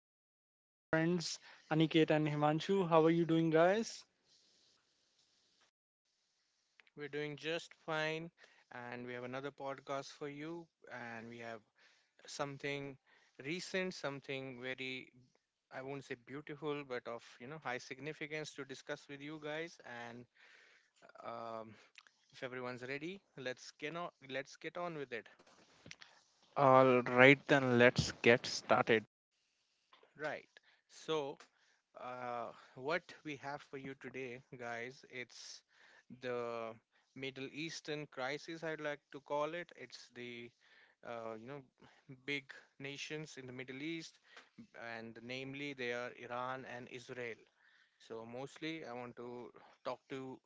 I'm joined by my friends Aniket and Himanshu. How are you doing, guys? We're doing just fine, and we have another podcast for you. And we have something recent, something very, I won't say beautiful, but of high significance to discuss with you guys. And um, if everyone's ready, let's get on with it. All right, then let's get started. Right. So uh, what we have for you today, guys. It's the Middle Eastern crisis, I'd like to call it. It's the uh, you know big nations in the Middle East, and namely they are Iran and Israel. So mostly, I want to talk to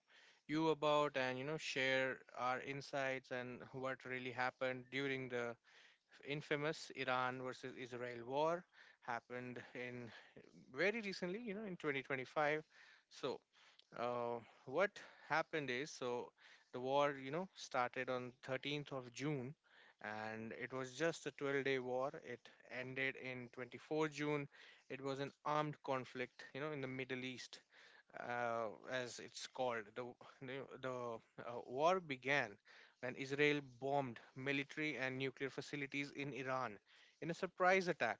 you about and share our insights and what really happened during the infamous Iran versus Israel war happened in very recently, in 2025. So uh, what happened is so the war, started on 13th of June, and it was just a 12-day war. It ended in 24 June. It was an armed conflict, in the Middle East, as it's called. The war began when Israel bombed military and nuclear facilities in Iran in a surprise attack,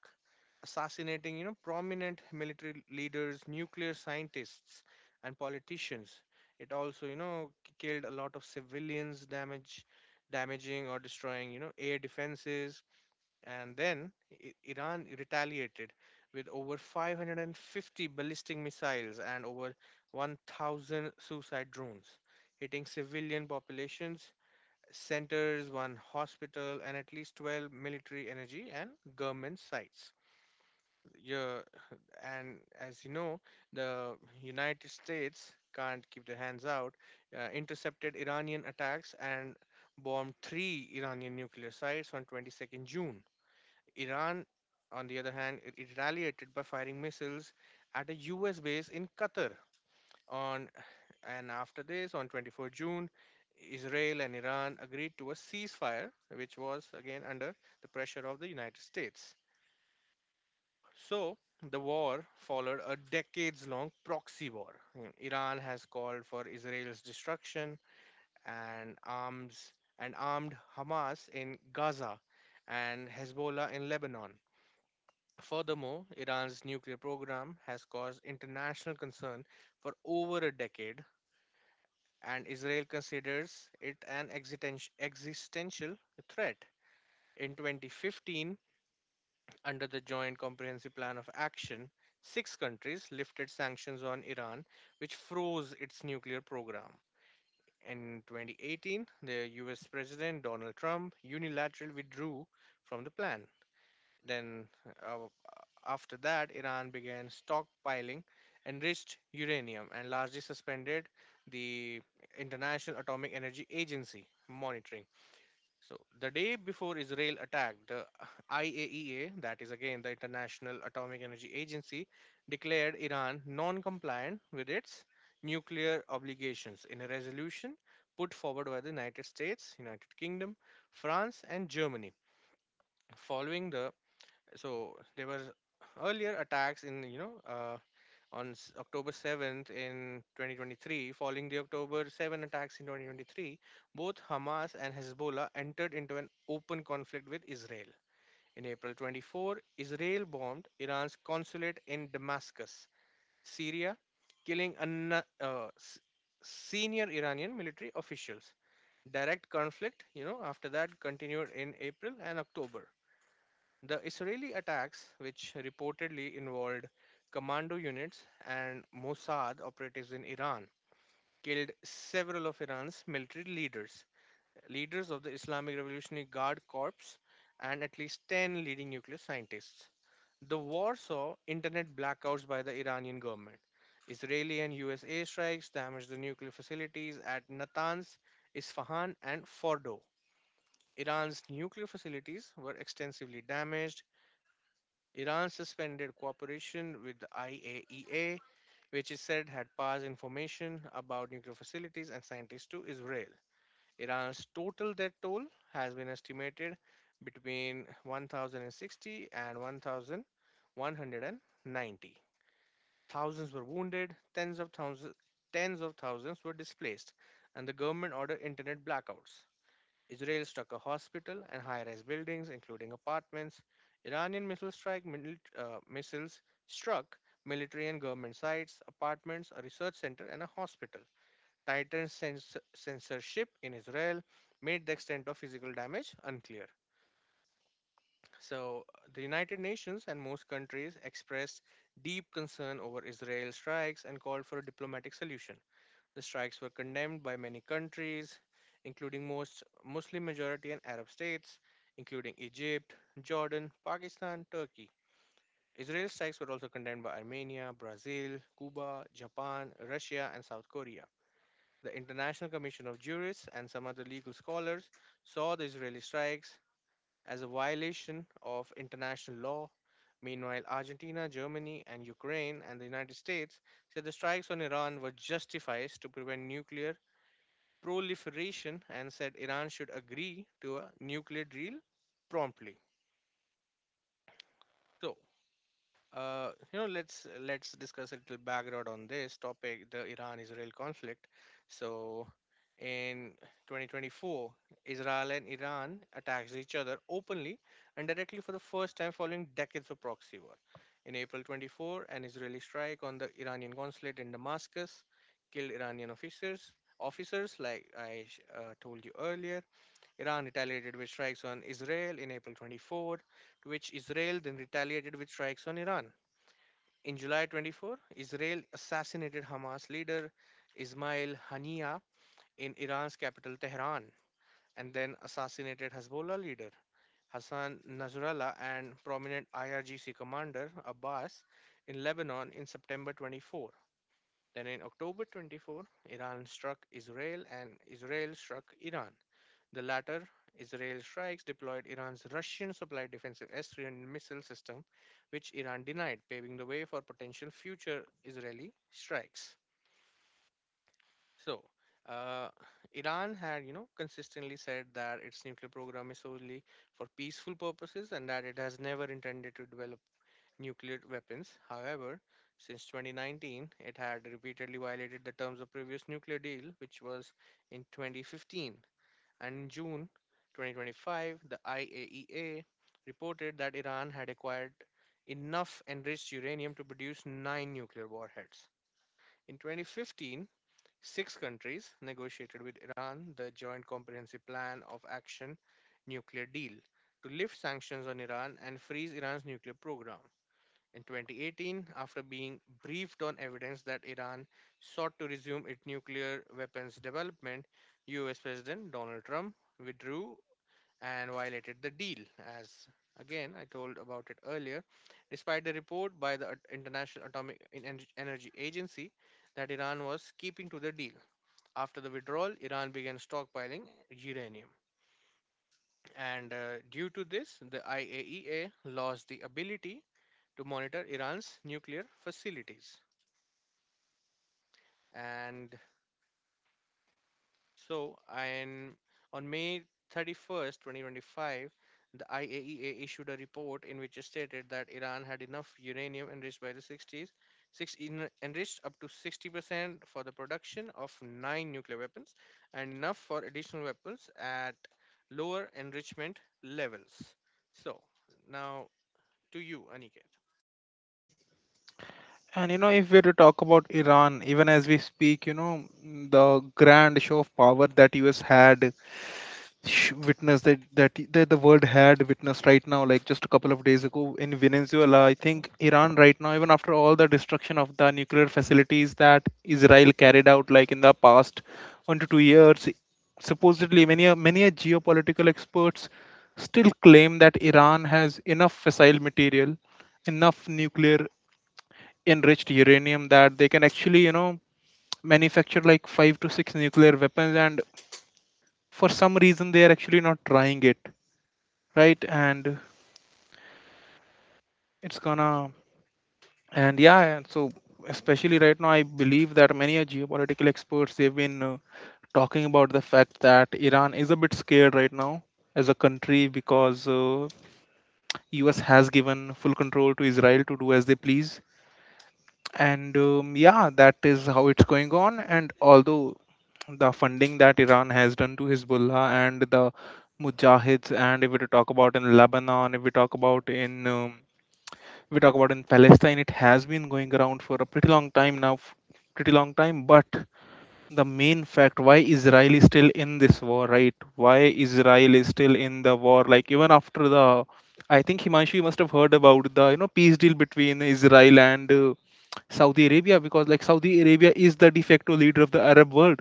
assassinating prominent military leaders, nuclear scientists, and politicians. It also killed a lot of civilians, damage damaging or destroying air defenses. And then Iran retaliated with over 550 ballistic missiles and over 1000 suicide drones, hitting civilian populations centers, one hospital, and at least 12 military, energy, and government sites. Yeah. And as you know, the United States can't keep their hands out, intercepted Iranian attacks and bombed three Iranian nuclear sites on 22nd June. Iran, on the other hand, it retaliated by firing missiles at a U.S. base in Qatar. On and after this, on 24 June, Israel and Iran agreed to a ceasefire, which was again under the pressure of the United States. So the war followed a decades long proxy war. Iran has called for Israel's destruction and arms and armed Hamas in Gaza and Hezbollah in Lebanon. Furthermore, Iran's nuclear program has caused international concern for over a decade, and Israel considers it an existential threat. In 2015, under the Joint Comprehensive Plan of Action, six countries lifted sanctions on Iran, which froze its nuclear program. In 2018, the US President Donald Trump unilaterally withdrew from the plan. Then, uh, after that, Iran began stockpiling enriched uranium and largely suspended the International Atomic Energy Agency monitoring. So, the day before Israel attacked, the IAEA, that is again the International Atomic Energy Agency, declared Iran non compliant with its nuclear obligations in a resolution put forward by the United States, United Kingdom, France, and Germany. Following the so, there were earlier attacks in you know on s- October 7th in 2023. Following the October 7 attacks in 2023, both Hamas and Hezbollah entered into an open conflict with Israel. In April 24, Israel bombed Iran's consulate in Damascus, Syria, killing senior Iranian military officials. Direct conflict, after that continued in April and October. The Israeli attacks, which reportedly involved commando units and Mossad operatives in Iran, killed several of Iran's military leaders, leaders of the Islamic Revolutionary Guard Corps, and at least 10 leading nuclear scientists. The war saw internet blackouts by the Iranian government. Israeli and US airstrikes damaged the nuclear facilities at Natanz, Isfahan, and Fordo. Iran's nuclear facilities were extensively damaged. Iran suspended cooperation with the IAEA, which is said had passed information about nuclear facilities and scientists to Israel. Iran's total death toll has been estimated between 1,060 and 1,190. Thousands were wounded, tens of thousands were displaced, and the government ordered internet blackouts. Israel struck a hospital and high rise buildings, including apartments. Iranian missiles struck military and government sites, apartments, a research center, and a hospital. Tightened censorship in Israel made the extent of physical damage unclear. So, the United Nations and most countries expressed deep concern over Israel strikes and called for a diplomatic solution. The strikes were condemned by many countries, including most Muslim majority and Arab states, including Egypt, Jordan, Pakistan, Turkey. Israeli strikes were also condemned by Armenia, Brazil, Cuba, Japan, Russia, and South Korea. The International Commission of Jurists and some other legal scholars saw the Israeli strikes as a violation of international law. Meanwhile, Argentina, Germany, and Ukraine and the United States said the strikes on Iran were justified to prevent nuclear proliferation and said Iran should agree to a nuclear deal promptly. So, let's discuss a little background on this topic, the Iran-Israel conflict. So, in 2024, Israel and Iran attacks each other openly and directly for the first time following decades of proxy war. In April 24, an Israeli strike on the Iranian consulate in Damascus killed Iranian officers. Officers, like told you earlier, Iran retaliated with strikes on Israel in April 24, to which Israel then retaliated with strikes on Iran. In July 24, Israel assassinated Hamas leader Ismail Haniyeh in Iran's capital Tehran and then assassinated Hezbollah leader Hassan Nasrallah and prominent IRGC commander Abbas in Lebanon in September 24. Then in October 24, Iran struck Israel and Israel struck Iran. The latter, Israel strikes deployed Iran's Russian supplied defensive S 300 missile system, which Iran denied, paving the way for potential future Israeli strikes. So, uh, Iran had, consistently said that its nuclear program is solely for peaceful purposes, and that it has never intended to develop nuclear weapons. However, since 2019, it had repeatedly violated the terms of previous nuclear deal, which was in 2015, and in June 2025, the IAEA reported that Iran had acquired enough enriched uranium to produce nine nuclear warheads. In 2015, six countries negotiated with Iran the Joint Comprehensive Plan of Action nuclear deal to lift sanctions on Iran and freeze Iran's nuclear program. In 2018, after being briefed on evidence that Iran sought to resume its nuclear weapons development, US President Donald Trump withdrew and violated the deal, as again I told about it earlier. Despite the report by the International Atomic Energy Agency that Iran was keeping to the deal, after the withdrawal, Iran began stockpiling uranium. And due to this, the IAEA lost the ability to monitor Iran's nuclear facilities. And So, and on May 31st, 2025, the IAEA issued a report in which it stated that Iran had enough uranium enriched by the 60s, enriched up to 60% for the production of nine nuclear weapons, and enough for additional weapons at lower enrichment levels. So, now to you, Aniket. And you know, if we were to talk about Iran, even as we speak, you know, the grand show of power that US had witnessed that the world had witnessed right now, like just a couple of days ago in Venezuela. I think Iran right now, even after all the destruction of the nuclear facilities that Israel carried out, like in the past 1 to 2 years, supposedly many a geopolitical experts still claim that Iran has enough fissile material, enough nuclear enriched uranium that they can actually manufacture like 5 to 6 nuclear weapons. And for some reason, they are actually not trying it, right. And it's gonna and yeah, and so especially right now, I believe that many are geopolitical experts, they've been talking about the fact that Iran is a bit scared right now as a country, because US has given full control to Israel to do as they please. And yeah, that is how it's going on. And although the funding that Iran has done to Hezbollah and the mujahids, and if we talk about in Lebanon, if we talk about in if we talk about in Palestine, it has been going around for a pretty long time now, pretty long time. But the main fact, why Israel is still in this war, right? Why Israel is still in the war? Like even after the, I think Himanshu, you must have heard about the peace deal between Israel and Saudi Arabia, because like Saudi Arabia is the de facto leader of the Arab world,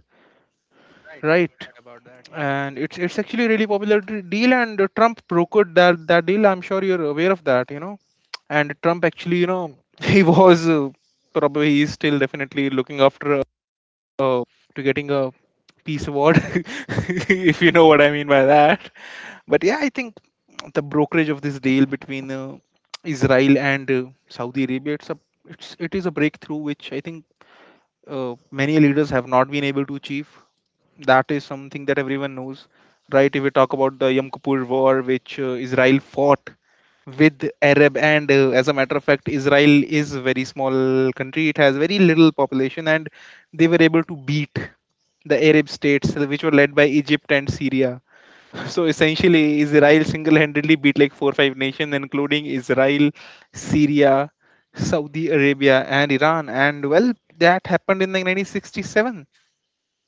Right, I right? heard about that, yeah. And it's actually a really popular deal, and Trump brokered that deal. I'm sure you're aware of that. And Trump actually, he was probably he's still definitely looking after uh, to getting a peace award, if you know what I mean by that. But yeah, I think the brokerage of this deal between Israel and Saudi Arabia, it is a breakthrough which I think many leaders have not been able to achieve. That is something that everyone knows, right? If we talk about the Yom Kippur War, which Israel fought with Arab, and as a matter of fact, Israel is a very small country. It has very little population, and they were able to beat the Arab states, which were led by Egypt and Syria. So essentially, Israel single handedly beat like four or five nations, including Israel, Syria, Saudi Arabia, and Iran. And well, that happened in like 1967.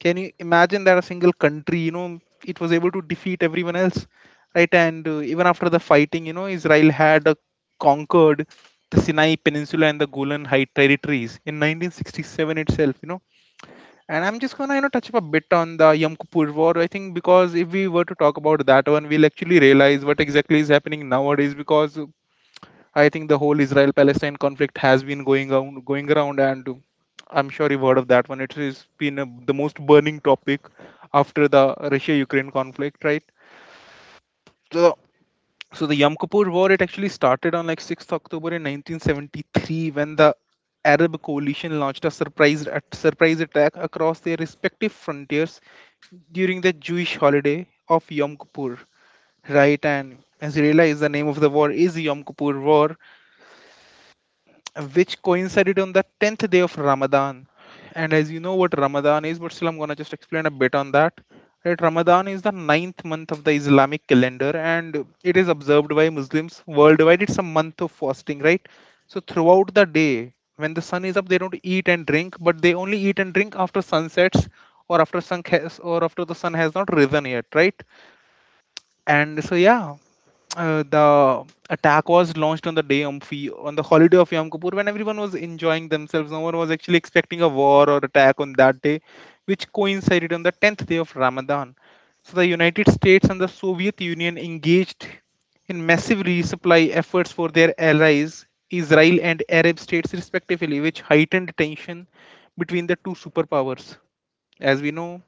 Can you imagine that a single country, it was able to defeat everyone else, right? And even after the fighting, Israel had conquered the Sinai Peninsula and the Golan Heights territories in 1967 itself. And I'm just gonna, touch up a bit on the Yom Kippur War. I think because if we were to talk about that one, we'll actually realize what exactly is happening nowadays. Because I think the whole Israel-Palestine conflict has been going on, going around, and I'm sure you've heard of that one. It has been the most burning topic after the Russia-Ukraine conflict, right? So the so the Yom Kippur War, it actually started on like 6th October in 1973, when the Arab coalition launched a surprise attack across their respective frontiers during the Jewish holiday of Yom Kippur. Right, and as you realize, the name of the war is Yom Kippur War, which coincided on the 10th day of Ramadan. And as you know what Ramadan is, but still I'm gonna just explain a bit on that. Right, Ramadan is the ninth month of the Islamic calendar, and it is observed by Muslims worldwide. It's a month of fasting, right? So throughout the day, when the sun is up, they don't eat and drink, but they only eat and drink after sunsets, or or after the sun has not risen yet, right? And so yeah, the attack was launched on the day of on the holiday of Yom Kippur, when everyone was enjoying themselves. No one was actually expecting a war or attack on that day, which coincided on the 10th day of Ramadan. So the United States and the Soviet Union engaged in massive resupply efforts for their allies, Israel and Arab states, respectively, which heightened tension between the two superpowers. As we know,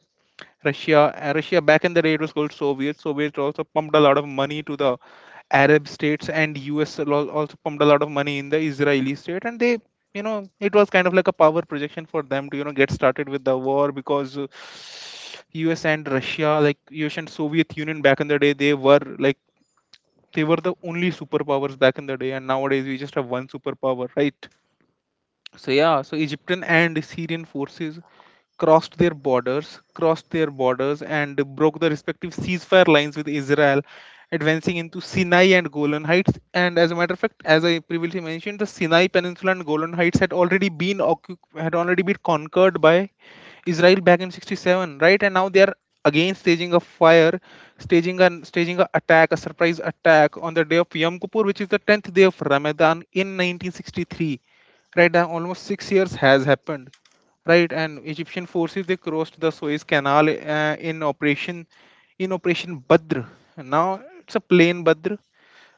Russia, back in the day it was called Soviet. Soviet also pumped a lot of money to the Arab states, and US also pumped a lot of money in the Israeli state, and they, it was kind of like a power projection for them to, get started with the war, because US and Russia, like US and Soviet Union back in the day, they were the only superpowers back in the day, and nowadays we just have one superpower, right? So yeah, so Egyptian and Syrian forces crossed their borders, and broke the respective ceasefire lines with Israel, advancing into Sinai and Golan Heights. And as a matter of fact, as I previously mentioned, the Sinai Peninsula and Golan Heights had already been conquered by Israel back in 67, right? And now they are again staging a fire, staging an a surprise attack on the day of Yom Kippur, which is the 10th day of Ramadan in 1963. Right now, almost 6 years has happened. Right, and Egyptian forces, they crossed the Suez Canal in Operation Badr. Now it's a plain Badr,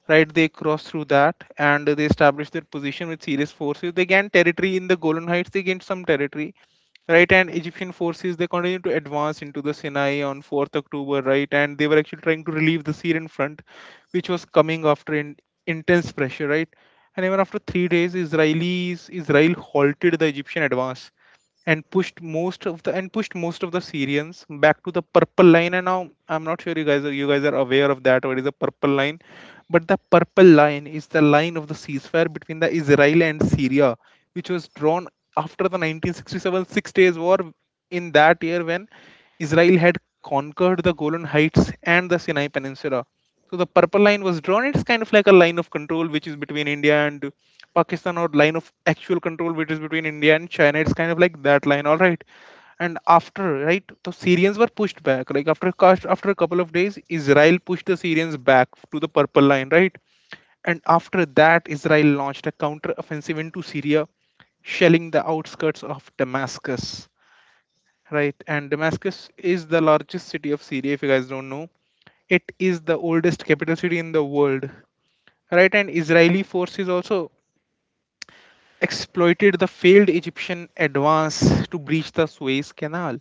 right? They crossed through that, and they established their position with serious forces. They gained territory in the Golan Heights. They gained some territory, right? And Egyptian forces, they continued to advance into the Sinai on 4th October, right? And they were actually trying to relieve the Syrian front, which was coming after intense pressure, right? And even after 3 days, Israel halted the Egyptian advance, and pushed most of the Syrians back to the purple line. And now I'm not sure, you guys are aware of that, what is the purple line. But the purple line is the line of the ceasefire between the Israel and Syria, which was drawn after the 1967 Six Days War, in that year when Israel had conquered the Golan Heights and the Sinai Peninsula. So the purple line was drawn. It's kind of like a line of control which is between India and Pakistan, or line of actual control which is between India and China. It's kind of like that line, all right. And after, right, the Syrians were pushed back. Like after a couple of days, Israel pushed the Syrians back to the purple line, right? And after that, Israel launched a counter offensive into Syria, shelling the outskirts of Damascus. Right, and Damascus is the largest city of Syria, if you guys don't know. It is the oldest capital city in the world. Right, and Israeli forces also exploited the failed Egyptian advance to breach the Suez Canal,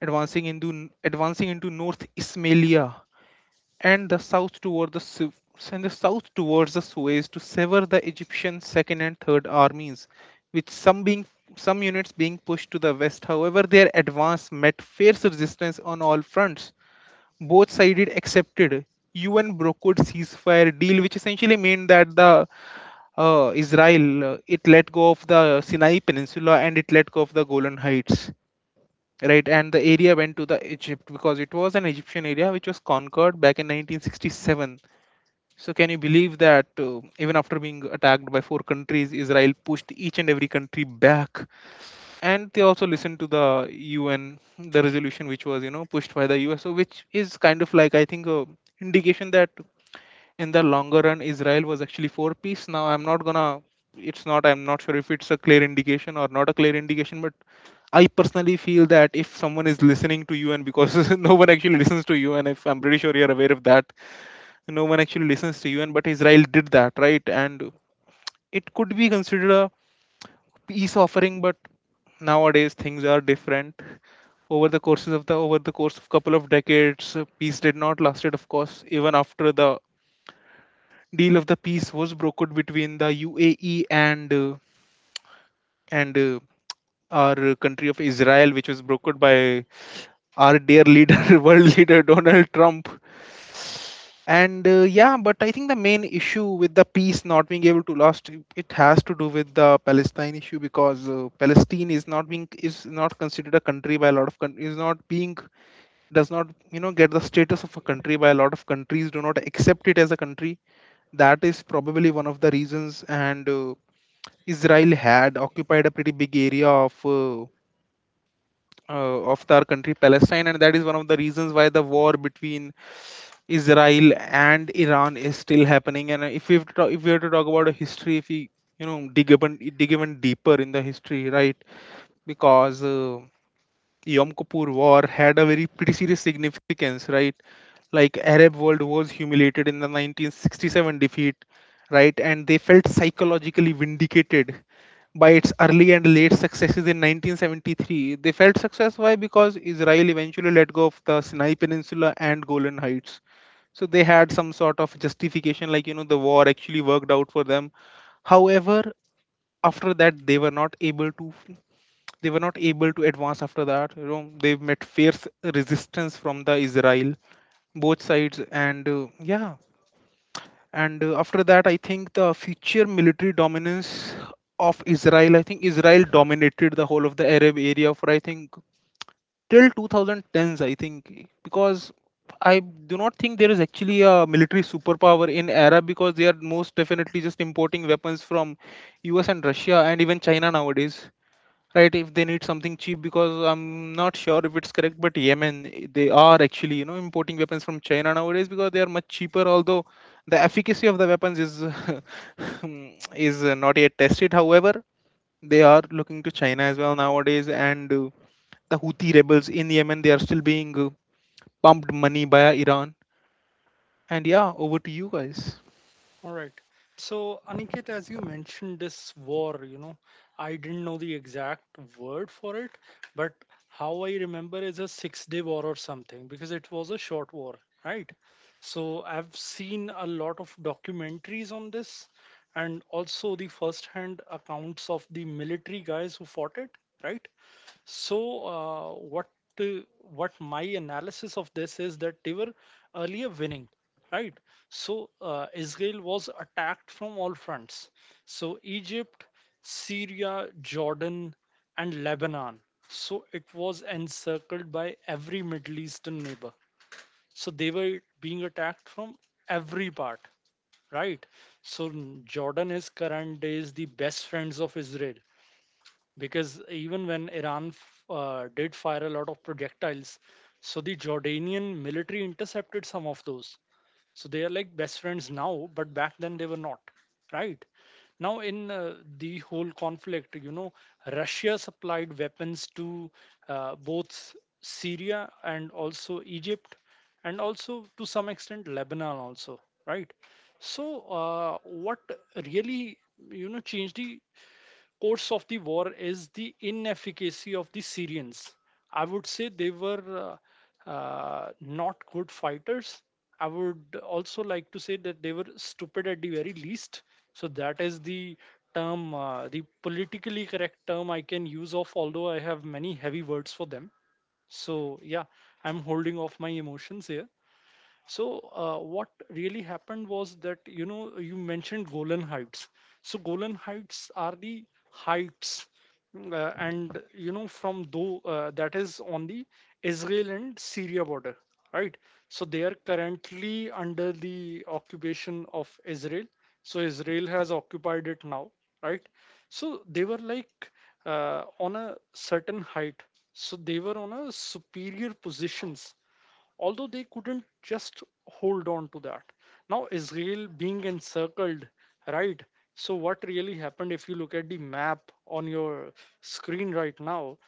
advancing into North Ismailia, and the south towards the Suez to sever the Egyptian second and third armies, with some units being pushed to the west. However, their advance met fierce resistance on all fronts. Both sided accepted UN brokered ceasefire deal, which essentially meant that the Israel, it let go of the Sinai Peninsula, and it let go of the Golan Heights, right. And the area went to the Egypt, because it was an Egyptian area which was conquered back in 1967. So, can you believe that, even after being attacked by four countries, Israel pushed each and every country back. And they also listened to the UN, the resolution which was pushed by the US. So, which is kind of like, I think, a indication that in the longer run, Israel was actually for peace. Now, I'm not sure if it's a clear indication or not a clear indication. But I personally feel that if someone is listening to you, and because no one actually listens to you, and if I'm pretty sure you're aware of that, no one actually listens to you, and but Israel did that, right? And it could be considered a peace offering, but nowadays things are different. Over the courses of the over the course of couple of decades, peace did not lasted, of course, even after the deal of the peace was brokered between the UAE and our country of Israel, which was brokered by our dear leader, world leader Donald Trump and yeah, but I think the main issue with the peace not being able to last, it has to do with the Palestine issue. Because uh, palestine is not being is not considered a country by a is not being does not you know get the status of a country. By a lot of countries do not accept it as a country. That is probably one of the reasons. And uh, israel had occupied a pretty big area of our country Palestine, and that is one of the reasons why the war between Israel and Iran is still happening. And if we were to talk about a history, if we you know dig even deeper in the history, right? Because Yom Kippur War had a very pretty serious significance, right? Like Arab world was humiliated in the 1967 defeat, right? And they felt psychologically vindicated by its early and late successes in 1973. They felt success why? Because Israel eventually let go of the Sinai Peninsula and Golan Heights, so they had some sort of justification, like you know the war actually worked out for them. However, after that they were not able to, they were not able to advance after that. You know, they met fierce resistance from the Israel, both sides. And yeah and After that, I think the future military dominance of Israel, I think Israel dominated the whole of the Arab area for, I think, till 2010s, I think, because I do not think there is actually a military superpower in Arab, because they are most definitely just importing weapons from US and Russia and even China nowadays, right? If they need something cheap, because I'm not sure if it's correct, but Yemen, they are actually you know importing weapons from China nowadays because they are much cheaper, although the efficacy of the weapons is is not yet tested. However, they are looking to China as well nowadays, and the Houthi rebels in Yemen. They are still being pumped money by Iran. And yeah, over to you guys. All right. So, Aniket, as you mentioned, this war, you know, I didn't know the exact word for it, but how I remember is a six-day war or something because it was a short war, right? So, I've seen a lot of documentaries on this and also the first hand accounts of the military guys who fought it, right? So, what my analysis of this is that they were earlier winning, right? So, Israel was attacked from all fronts. So, Egypt, Syria, Jordan, and Lebanon. So, it was encircled by every Middle Eastern neighbor. So, they were being attacked from every part, right? So, Jordan is current days the best friends of Israel because even when Iran did fire a lot of projectiles, so the Jordanian military intercepted some of those. So they are like best friends now, but back then they were not, right? Now, in the whole conflict, you know, Russia supplied weapons to both Syria and also Egypt, and also to some extent Lebanon, also, right? So, what really, you know, changed the course of the war is the inefficacy of the Syrians. I would say they were not good fighters. I would also like to say that they were stupid at the very least. So that is the term, the politically correct term I can use off, although I have many heavy words for them. So yeah, I'm holding off my emotions here. So what really happened was that you mentioned Golan Heights. So Golan Heights are the heights, and from though that is on the Israel and Syria border, right? So they are currently under the occupation of Israel. So Israel has occupied it now, right? So they were like on a certain height. So they were on a superior positions, although they couldn't just hold on to that. Now, Israel being encircled, right? So, what really happened if you look at the map on your screen right now?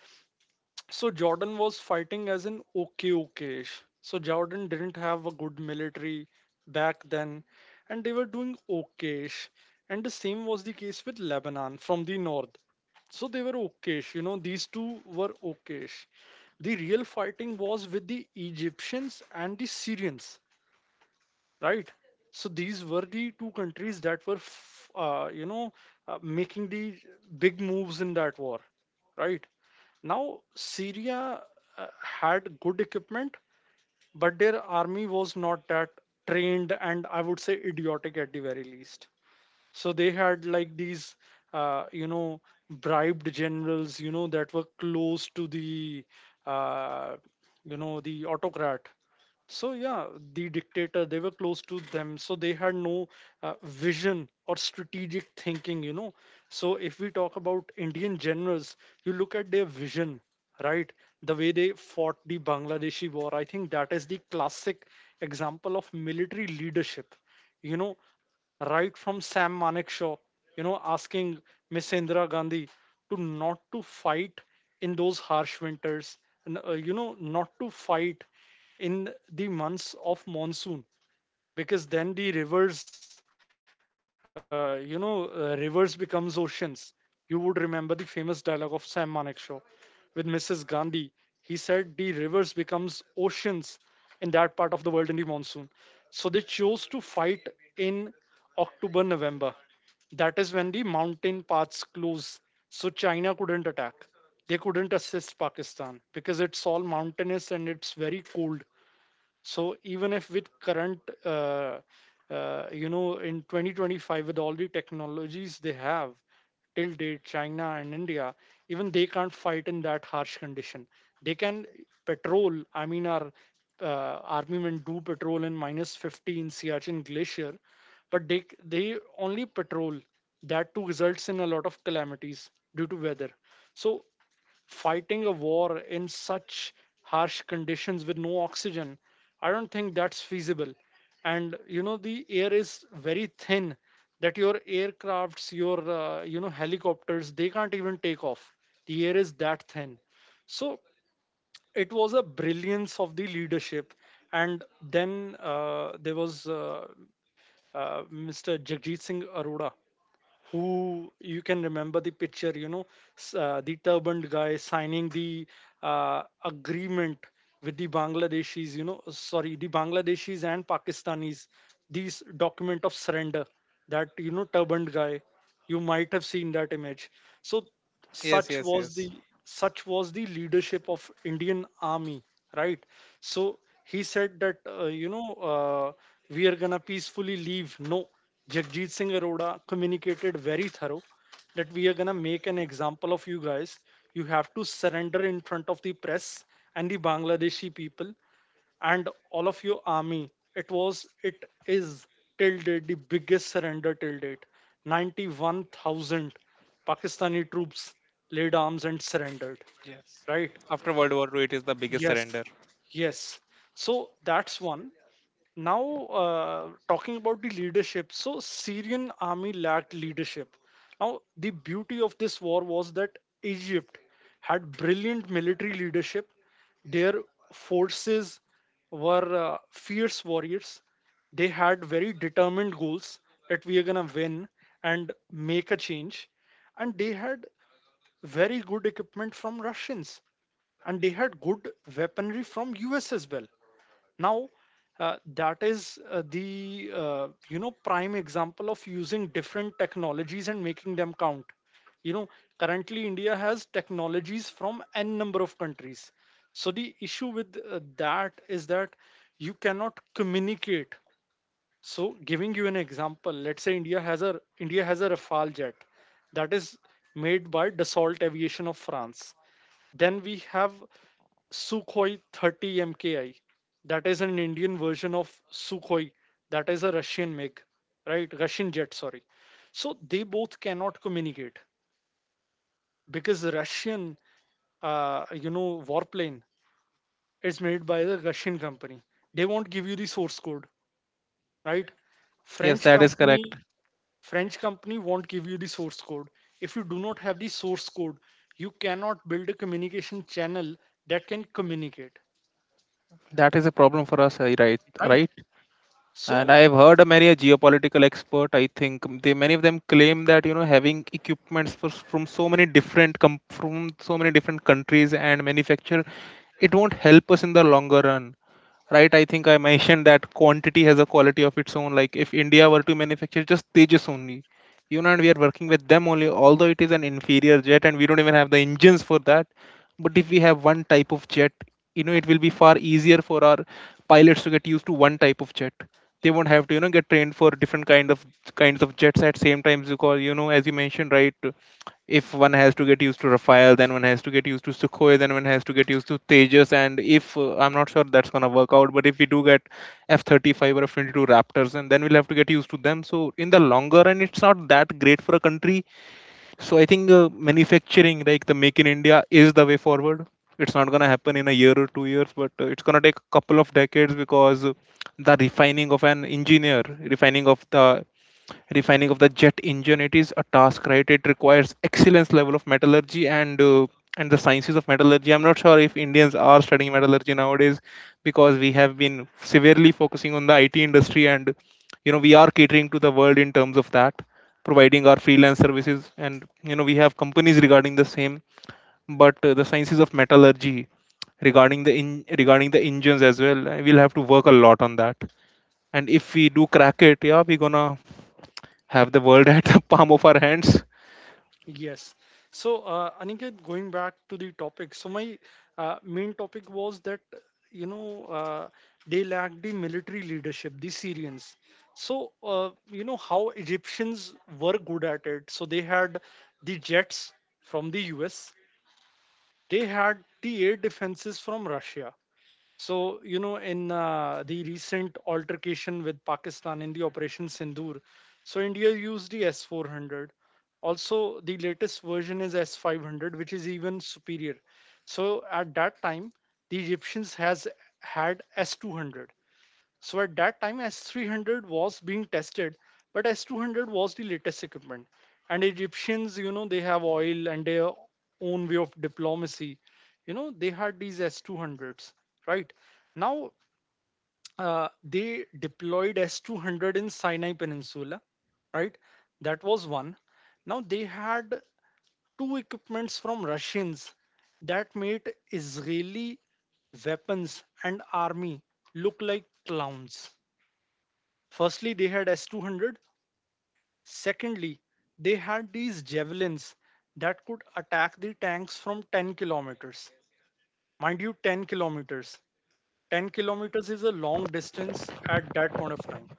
So, Jordan was fighting as an okay, okay. So, Jordan didn't have a good military back then, and they were doing okayish. And the same was the case with Lebanon from the north. So they were okayish. These two were okayish. The real fighting was with the Egyptians and the Syrians, right? So these were the two countries that were, making the big moves in that war, right? Now, Syria had good equipment, but their army was not that trained, and I would say idiotic at the very least. So they had like these uh, you know bribed generals, that were close to the uh, you know the autocrat. So yeah, the dictator, they were close to them. So they had no vision or strategic thinking. So if we talk about Indian generals, you look at their vision, right? The way they fought the Bangladeshi war, I think that is the classic example of military leadership you know right from Sam Manekshaw, asking Miss Indira Gandhi to not to fight in those harsh winters, and not to fight in the months of monsoon, because then the rivers becomes oceans. You would remember the famous dialogue of Sam Manekshaw with Mrs. Gandhi. He said the rivers becomes oceans in that part of the world in the monsoon. So they chose to fight in October, November. That is when the mountain paths close, so China couldn't attack. They couldn't assist Pakistan because it's all mountainous and it's very cold. So even if with current uh, in 2025, with all the technologies they have, till date China and India, even they can't fight in that harsh condition. They can patrol. I mean, our armament do patrol in minus 50 in Siachen Glacier, but they only patrol. That too results in a lot of calamities due to weather. So fighting a war in such harsh conditions with no oxygen, I don't think that's feasible. And you know, the air is very thin, that your aircrafts, your helicopters, they can't even take off. The air is that thin. So it was a brilliance of the leadership. And then there was Mr. Jagjit Singh Arora, who you can remember the picture, the turbaned guy signing the agreement with the Bangladeshis, sorry, the Bangladeshis and Pakistanis, these document of surrender. That turbaned guy, you might have seen that image. So yes, Yes, yes, yes. such was the leadership of Indian army, right? So he said that uh, we are gonna peacefully leave. No, Jagjit Singh Arora communicated very thorough that we are gonna make an example of you guys. You have to surrender in front of the press and the Bangladeshi people and all of your army. It is till date the biggest surrender till date. 91,000 Pakistani troops laid arms and surrendered. Yes. Right? After World War II, it is the biggest Yes, surrender. yes. So that's one. Now talking about the leadership, so Syrian army lacked leadership. Now, the beauty of this war was that Egypt had brilliant military leadership. Their forces were fierce warriors. They had very determined goals, that we are going to win and make a change. And they had very good equipment from Russians, and they had good weaponry from US as well. Now that is the prime example of using different technologies and making them count you know Currently, India has technologies from n number of countries. So the issue with that is that you cannot communicate. So giving you an example, let's say India has a rafale jet that is made by Dassault Aviation of France. Then we have Sukhoi 30 MKI. That is an Indian version of Sukhoi. That is a Russian MiG, right? Russian jet, sorry. So they both cannot communicate because the Russian warplane is made by the Russian company. They won't give you the source code, right? Yes, French that is correct. company, French company won't give you the source code. If you do not have the source code, you cannot build a communication channel that can communicate, That is a problem for us, right? right? Right. And So I have heard a many a geopolitical expert. I think they many of them claim that you know having equipments from so many from so many different countries and manufacture, it won't help us in the longer run. Right, I think I mentioned that quantity has a quality of its own. Like if India were to manufacture just Tejas only, you know, and we are working with them only, although it is an inferior jet and we don't even have the engines for that, but if we have one type of jet, you know it will be far easier for our pilots to get used to one type of jet. They won't have to you know get trained for different kinds of jets at same times, because you know, as you mentioned, right, if one has to get used to Rafael, then one has to get used to Sukhoi, then one has to get used to Tejas. And if I'm not sure that's gonna work out, but if we do get F-35 or F-22 Raptors, and then we'll have to get used to them. So in the longer run, it's not that great for a country. So I think manufacturing, like the Make in India, is the way forward. It's not gonna happen in a year or 2 years, but it's gonna take a couple of decades, because the refining of an engineer, refining of the, refining of the jet engine, it is a task, right? It requires excellence level of metallurgy, and the sciences of metallurgy, I'm not sure if Indians are studying metallurgy nowadays, because we have been severely focusing on the IT industry, and you know we are catering to the world in terms of that, providing our freelance services, and you know we have companies regarding the same. But the sciences of metallurgy, regarding the in, regarding the engines as well, we'll have to work a lot on that. And if we do crack it, yeah, we're gonna have the world at the palm of our hands. yes. So, Aniket, going back to the topic. So, my main topic was that, you know, uh, they lacked the military leadership, the Syrians. So, how Egyptians were good at it. So, they had the jets from the US, they had the air defenses from Russia. So, in the recent altercation with Pakistan in the Operation Sindoor, so India used the S-400. Also, the latest version is S-500, which is even superior. So, at that time, the Egyptians has had S-200. So at that time, S-300 was being tested, but S-200 was the latest equipment. And Egyptians, they have oil and their own way of diplomacy. They had these S-200s, right? Now, they deployed S-200 in Sinai Peninsula, right? That was one. Now, they had two equipments from Russians that made Israeli weapons and army look like clowns. Firstly, they had S-200. Secondly, they had these javelins that could attack the tanks from 10 kilometers. Mind you, 10 kilometers. 10 kilometers is a long distance at that point of time,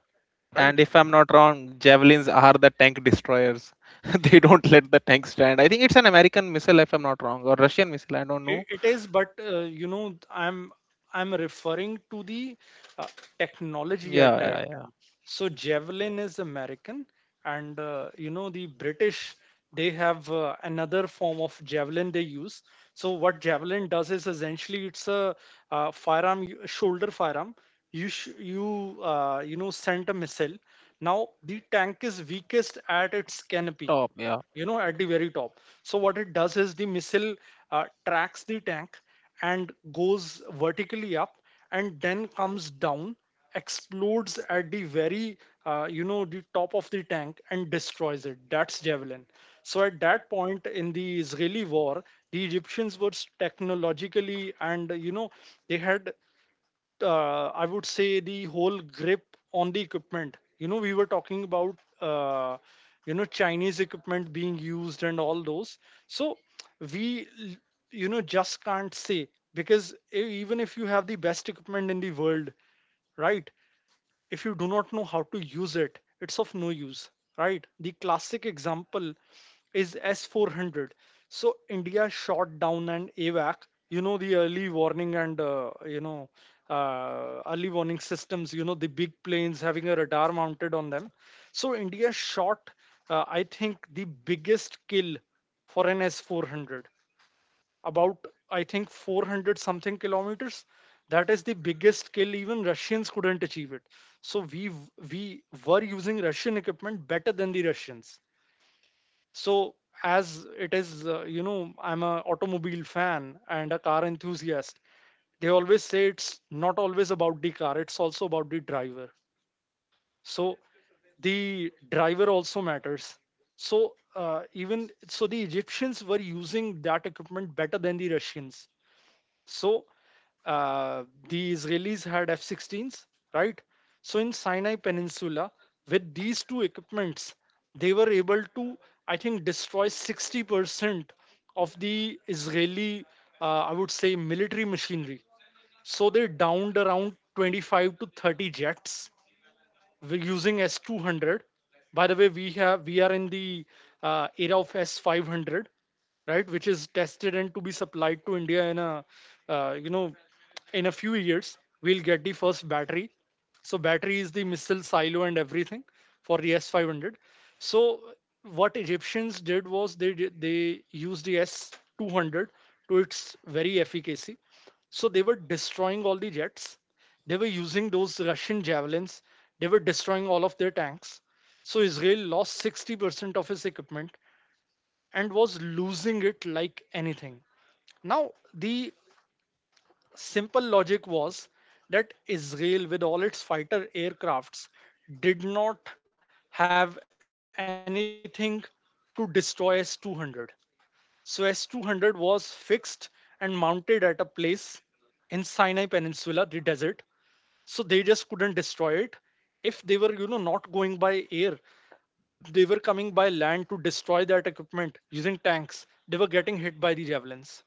right? And if I'm not wrong, javelins are the tank destroyers. They don't let the tank stand. I think it's an American missile, if I'm not wrong, or Russian missile. I don't It, know. it is, but I'm referring to the uh, technology Yeah, at that yeah, yeah. time. So Javelin is American, and the British, they have another form of Javelin they use. So what Javelin does is essentially it's a shoulder firearm. You sh you you know send a missile. Now, the tank is weakest at its canopy Top, yeah. you know at the very top. So what it does is the missile tracks the tank and goes vertically up and then comes down, explodes at the very you know the top of the tank and destroys it. That's javelin. So at that point in the Israeli war, the Egyptians were technologically, and they had, I would say, the whole grip on the equipment. We were talking about Chinese equipment being used and all those. So we just can't say, because even if you have the best equipment in the world, right? If you do not know how to use it, it's of no use, right? The classic example is S-400. So India shot down an AVAC, the early warning and early warning systems, the big planes having a radar mounted on them. So India shot, I think, the biggest kill for an S-400, about, I think, 400 something kilometers. That is the biggest scale. Even Russians couldn't achieve it. So we were using Russian equipment better than the Russians. So, as it is, I'm a automobile fan and a car enthusiast. They always say it's not always about the car; it's also about the driver. So the driver also matters. So, even so, the Egyptians were using that equipment better than the Russians. So, the Israelis had F 16s, right? So in Sinai Peninsula, with these two equipments, they were able to, I think, destroy 60% of the Israeli, I would say, military machinery. So they downed around 25 to 30 jets. We're using S-200. By the way, we are in the era of S-500, right, which is tested and to be supplied to India in a uh, you know few years. We'll get the first battery. So battery is the missile silo and everything for the S-500. So what Egyptians did was they used the S-200 to its very efficacy. So they were destroying all the jets. They were using those Russian javelins. They were destroying all of their tanks. So Israel lost 60% of his equipment and was losing it like anything. Now, the simple logic was that Israel, with all its fighter aircrafts, did not have anything to destroy S 200. So S 200 was fixed and mounted at a place in Sinai Peninsula, the desert, so they just couldn't destroy it. If they were not going by air, they were coming by land to destroy that equipment using tanks. They were getting hit by the javelins.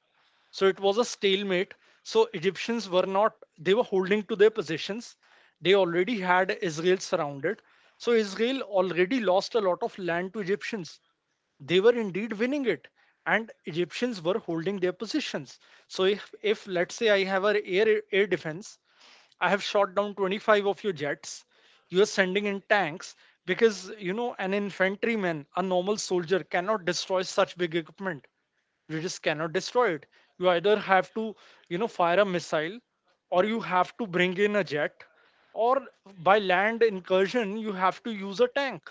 So it was a stalemate. So Egyptians were not, they were holding to their positions. They already had Israel surrounded. So Israel already lost a lot of land to Egyptians. They were indeed winning it, and Egyptians were holding their positions. So, if let's say I have an air defense. I have shot down 25 of your jets. You're sending in tanks because, an infantryman, a normal soldier, cannot destroy such big equipment. You just cannot destroy it. You either have to, fire a missile, or you have to bring in a jet, or, by land incursion, you have to use a tank,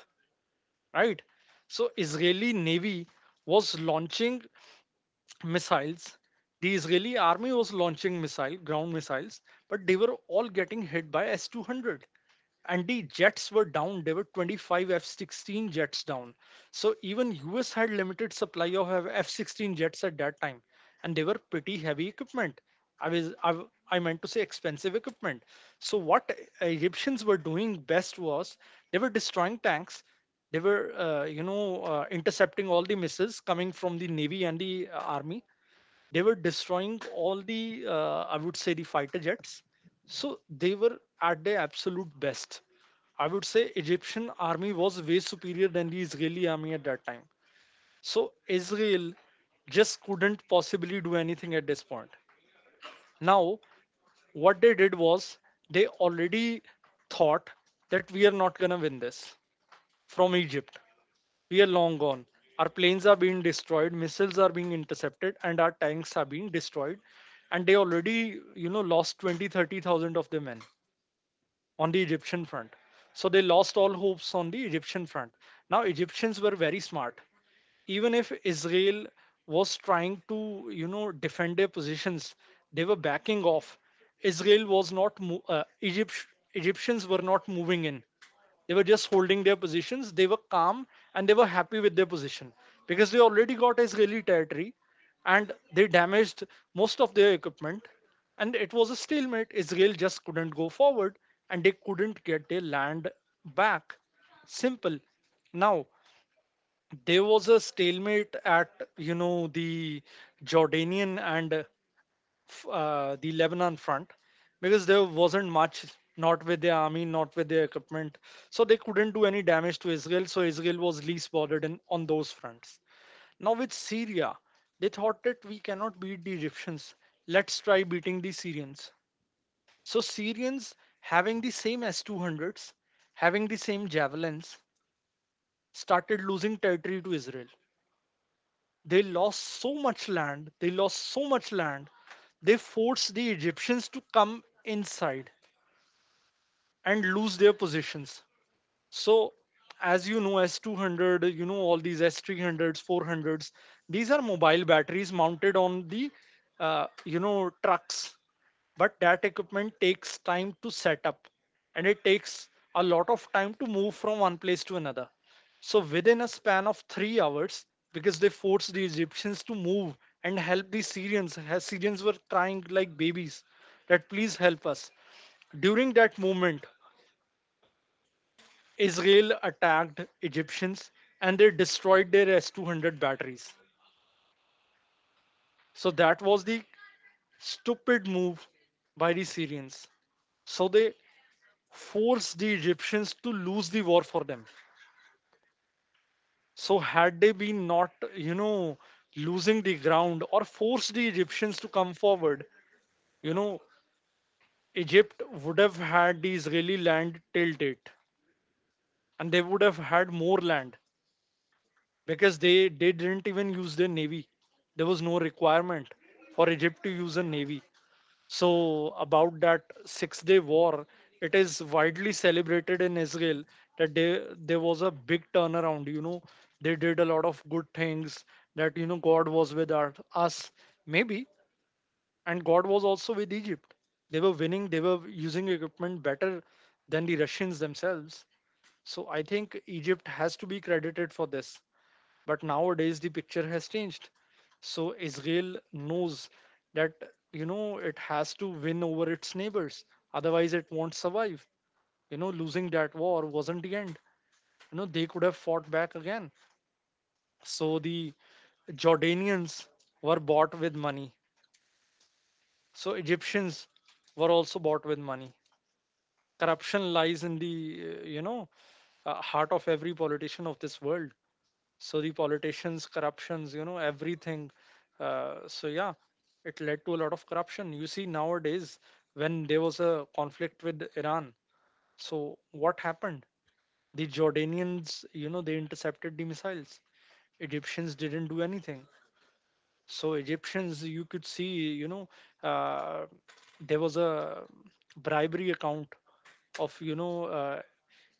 right? So Israeli Navy was launching missiles. The Israeli army was launching missile, ground missiles, but they were all getting hit by S 200. And the jets were down. There were 25 F 16 jets down. So even US had limited supply of F 16 jets at that time. And they were pretty heavy equipment. I was I meant to say expensive equipment. So what Egyptians were doing best was they were destroying tanks. They were intercepting all the missiles coming from the navy and the army. They were destroying all the I would say, the fighter jets. So they were at their absolute best. I would say Egyptian army was way superior than the Israeli army at that time. So Israel just couldn't possibly do anything at this point. Now, what they did was they already thought that we are not going to win this. From Egypt, we are long gone. Our planes are being destroyed, missiles are being intercepted, and our tanks are being destroyed. And they already, lost 20, 30,000 of their men on the Egyptian front. So they lost all hopes on the Egyptian front. Now, Egyptians were very smart. Even if Israel was trying to, defend their positions, they were backing off. Israel was not, Egypt, Egyptians were not moving in. They were just holding their positions. They were calm and they were happy with their position because they already got Israeli territory and they damaged most of their equipment. And it was a stalemate. Israel just couldn't go forward and they couldn't get their land back. Simple. Now, there was a stalemate at, the Jordanian and the Lebanon front, because there wasn't much, not with their army, not with their equipment. So they couldn't do any damage to Israel. So Israel was least bothered on those fronts. Now with Syria, they thought that we cannot beat the Egyptians. Let's try beating the Syrians. So Syrians, having the same S 200s, having the same javelins, started losing territory to Israel. They lost so much land, they lost so much land. They forced the Egyptians to come inside and lose their positions. So, as you know, S-200, all these S-300s, 400s, these are mobile batteries mounted on the trucks. But that equipment takes time to set up, and it takes a lot of time to move from one place to another. So within a span of 3 hours, because they forced the Egyptians to move and help the Syrians, as Syrians were crying like babies that, "Please help us," during that moment, Israel attacked Egyptians and they destroyed their S 200 batteries. So that was the stupid move by the Syrians. So they forced the Egyptians to lose the war for them. So had they been not, losing the ground or forced the Egyptians to come forward, you know, Egypt would have had the Israeli land till date and they would have had more land, because they didn't even use their navy. There was no requirement for Egypt to use a navy. So, about that Six Day War, it is widely celebrated in Israel that, there was a big turnaround. They did a lot of good things, that, God was with us, maybe, and God was also with Egypt. They were winning, they were using equipment better than the Russians themselves. So, I think Egypt has to be credited for this, but nowadays, the picture has changed. So Israel knows that, it has to win over its neighbors. Otherwise, it won't survive. Losing that war wasn't the end. They could have fought back again. So the Jordanians were bought with money. So Egyptians were also bought with money. Corruption lies in the, heart of every politician of this world. So the politicians, corruptions, everything. So, yeah, it led to a lot of corruption you see nowadays. When there was a conflict with Iran, so what happened? The Jordanians, they intercepted the missiles. Egyptians didn't do anything. So Egyptians, you could see, you know uh, there was a bribery account of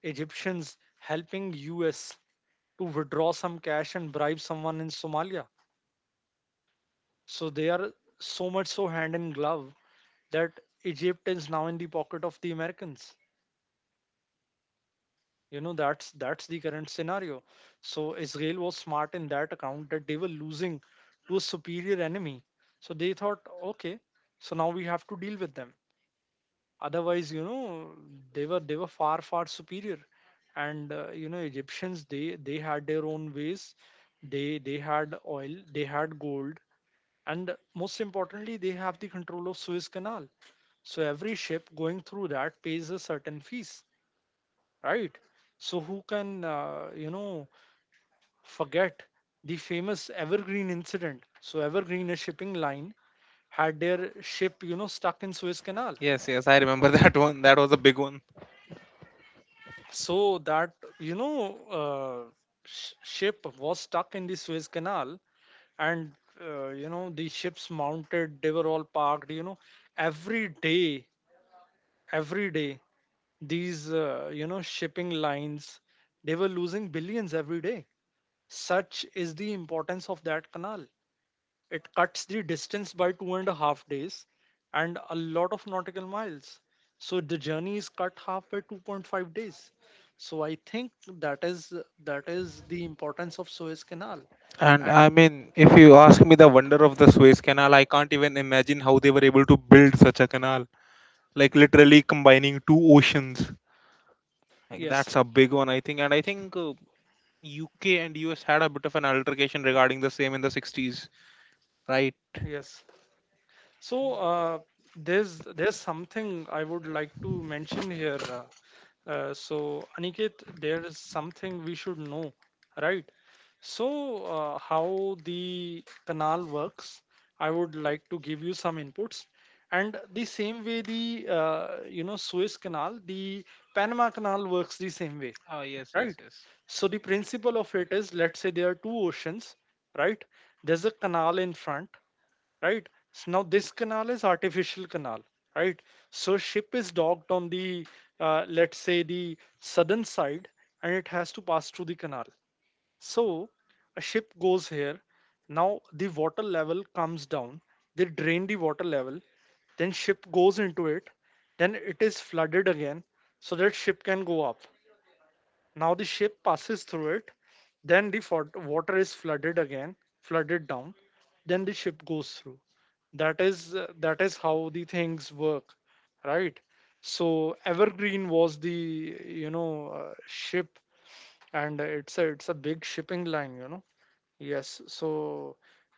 Egyptians helping us to withdraw some cash and bribe someone in Somalia. So they are so much, so hand in glove, that Egypt is now in the pocket of the Americans. That's the current scenario. So Israel was smart in that account that they were losing to a superior enemy. So they thought, okay, so now we have to deal with them. Otherwise, they were far, far superior, and Egyptians, they had their own ways. They had oil, they had gold, and most importantly, they have the control of Suez Canal. So every ship going through that pays a certain fees, right? So who can forget the famous Evergreen incident? So Evergreen, a shipping line, had their ship stuck in Suez Canal. Yes, yes, I remember that one. That was a big one. So that you know uh, ship was stuck in the Suez Canal, and the ships mounted. They were all parked. Every day, every day, these shipping lines, they were losing billions every day. Such is the importance of that canal. It cuts the distance by 2.5 days and a lot of nautical miles. So the journey is cut half by 2.5 days. So I think that is that is the importance of Suez Canal. And I And mean, if you ask me, the wonder of the Suez Canal, I can't even imagine how they were able to build such a canal. Like literally combining two oceans. Like yes, that's a big one, I think. And I think UK and US had a bit of an altercation regarding the same in the 60s, right? yes, so there's something I would like to mention here. So, Aniket, there is something we should know, right? So, how the canal works, I would like to give you some inputs. And the same way the Suez Canal, the Panama Canal works the same way, Oh, yes, yes, right? yes. So the principle of it is, let's say there are two oceans, right? There's a canal in front, right? So now this canal is artificial canal, right? So ship is docked on the, let's say the southern side, and it has to pass through the canal. So a ship goes here. Now the water level comes down. They drain the water level. Then ship goes into it. Then it is flooded again, so that ship can go up. Now the ship passes through it, then the water is flooded again, flooded down, then the ship goes through. That is how the things work, right? So Evergreen was the ship, and it's a big shipping line, you know. Yes, so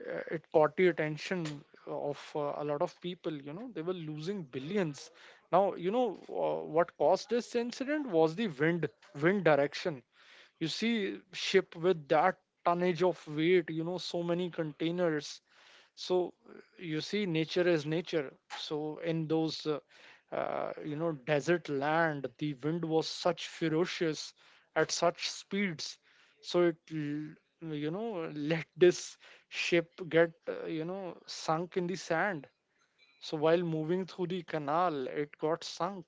it caught the attention of a lot of people. You know, they were losing billions. Now, what caused this incident was the wind direction. You see, ship with that tonnage of weight, you know, so many containers, so you see, nature is nature. So in those you know, desert land, the wind was such ferocious, at such speeds, so you know, let this ship get you know, sunk in the sand. So while moving through the canal, it got sunk.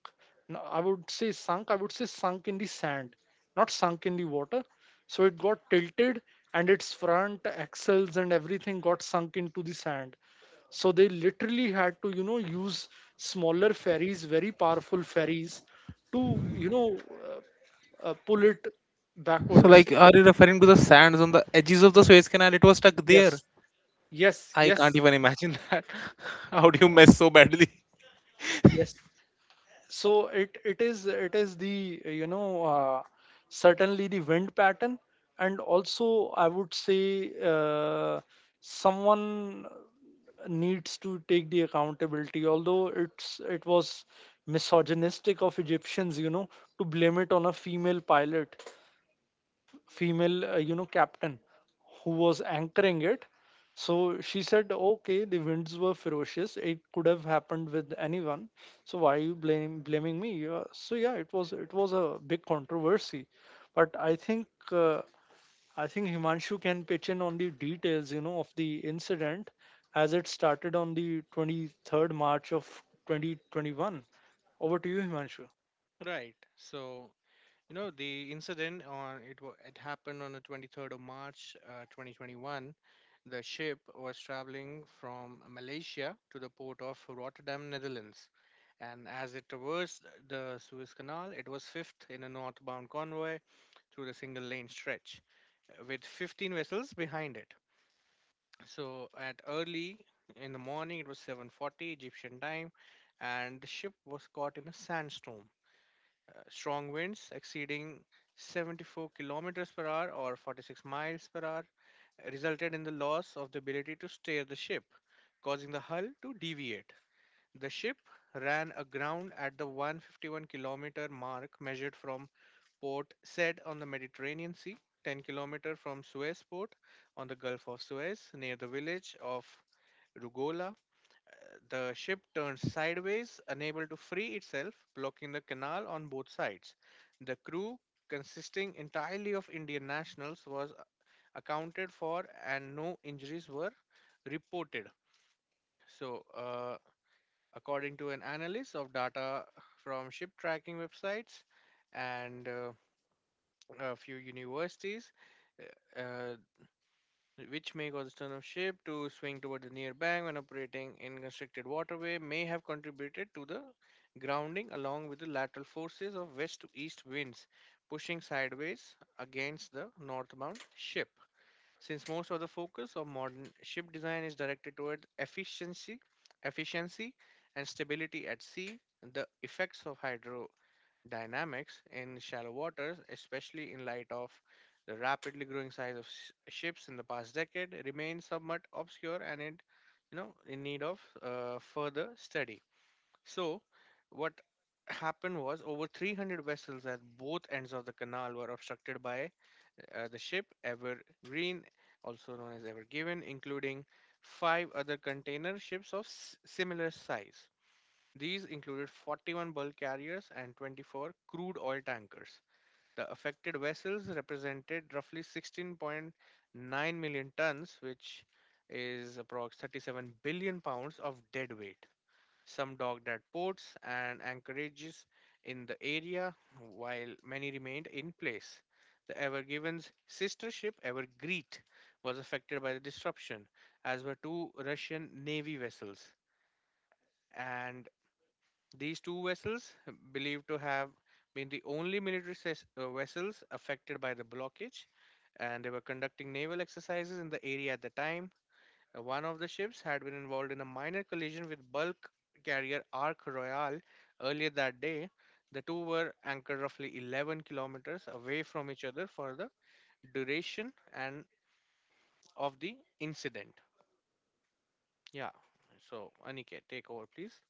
No, I would say sunk, I would say sunk in the sand, not sunk in the water. So it got tilted and its front axles and everything got sunk into the sand. So they literally had to, you know, use smaller ferries, very powerful ferries to, you know, pull it So, backwards. like, are you referring to the sands on the edges of the Suez Canal? It was stuck there. Yes, yes, I yes, can't even imagine that. How do you mess so badly? yes. So it is the certainly the wind pattern. And also I would say someone needs to take the accountability, although it was misogynistic of Egyptians, you know, to blame it on a female pilot, female you know, captain who was anchoring it. So she said, okay, the winds were ferocious, it could have happened with anyone, so why are you blaming me? So yeah, it was a big controversy, but I think uh, I think Himanshu can pitch in on the details, you know, of the incident, as it started on the 23rd March of 2021. Over to you, Himanshu. Right. So, the incident, it happened on the 23rd of March, 2021. The ship was traveling from Malaysia to the port of Rotterdam, Netherlands. And as it traversed the Suez Canal, it was fifth in a northbound convoy through the single lane stretch, with 15 vessels behind it. So at early in the morning, it was 7:40 Egyptian time, and the ship was caught in a sandstorm. Strong winds exceeding 74 kilometers per hour or 46 miles per hour resulted in the loss of the ability to steer the ship, causing the hull to deviate. The ship ran aground at the 151-kilometer mark measured from Port Said on the Mediterranean Sea, 10 kilometers from Suez port on the Gulf of Suez, near the village of Rugola. The ship turned sideways, unable to free itself, blocking the canal on both sides. The crew, consisting entirely of Indian nationals, was accounted for, and no injuries were reported. So, according to an analysis of data from ship tracking websites and a few universities, uh, uh, which may cause the stern of ship to swing toward the near bank when operating in constricted waterway, may have contributed to the grounding, along with the lateral forces of west to east winds pushing sideways against the northbound ship. Since most of the focus of modern ship design is directed toward efficiency and stability at sea, the effects of hydro dynamics in shallow waters, especially in light of the rapidly growing size of ships in the past decade, remains somewhat obscure and it, in need of further study. So, what happened was over 300 vessels at both ends of the canal were obstructed by the ship Evergreen, also known as Ever Given, including five other container ships of similar size. These included 41 bulk carriers and 24 crude oil tankers. The affected vessels represented roughly 16.9 million tons, which is approx 37 billion pounds of dead weight. Some docked at ports and anchorages in the area, while many remained in place. The Ever Given's sister ship, Ever Greet, was affected by the disruption, as were two Russian Navy vessels. And these two vessels, believed to have been the only military vessels affected by the blockage, and they were conducting naval exercises in the area at the time. One of the ships had been involved in a minor collision with bulk carrier Ark Royal earlier that day. The two were anchored roughly 11 kilometers away from each other for the duration and of the incident. Yeah. So, Aniket, take over, please.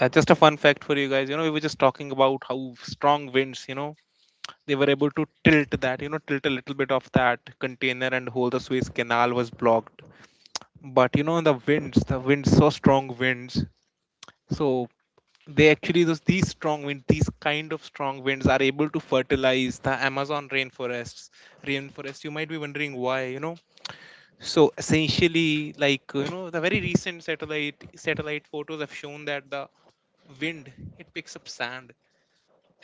Just a fun fact for you guys. You know, we were just talking about how strong winds, you know, they were able to tilt that, you know, tilt a little bit of that container and whole the Suez Canal was blocked. But you know, the winds, so strong winds, so they actually, those these strong winds, these kind of strong winds, are able to fertilize the Amazon rainforests. Rainforest, you might be wondering why. You know, so essentially like, you know the very recent satellite photos have shown that the wind, it picks up sand,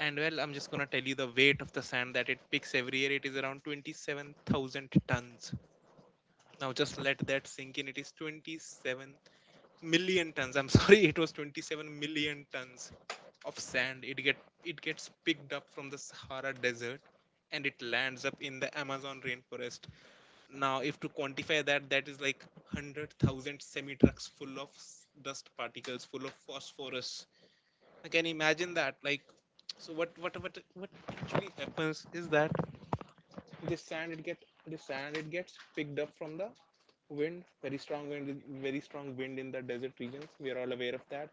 and well, I'm just going to tell you the weight of the sand that it picks every year, it is around 27,000 tons. Now just let that sink in. It is 27 million tons, I'm sorry, it was 27 million tons of sand. It gets picked up from the Sahara Desert, and it lands up in the Amazon rainforest. Now, if to quantify that, that is like 100,000 semi trucks full of dust particles, full of phosphorus. I can imagine that, like. So what actually happens is that this sand, it get the sand, it gets picked up from the wind, very strong wind, in the desert regions, we are all aware of that.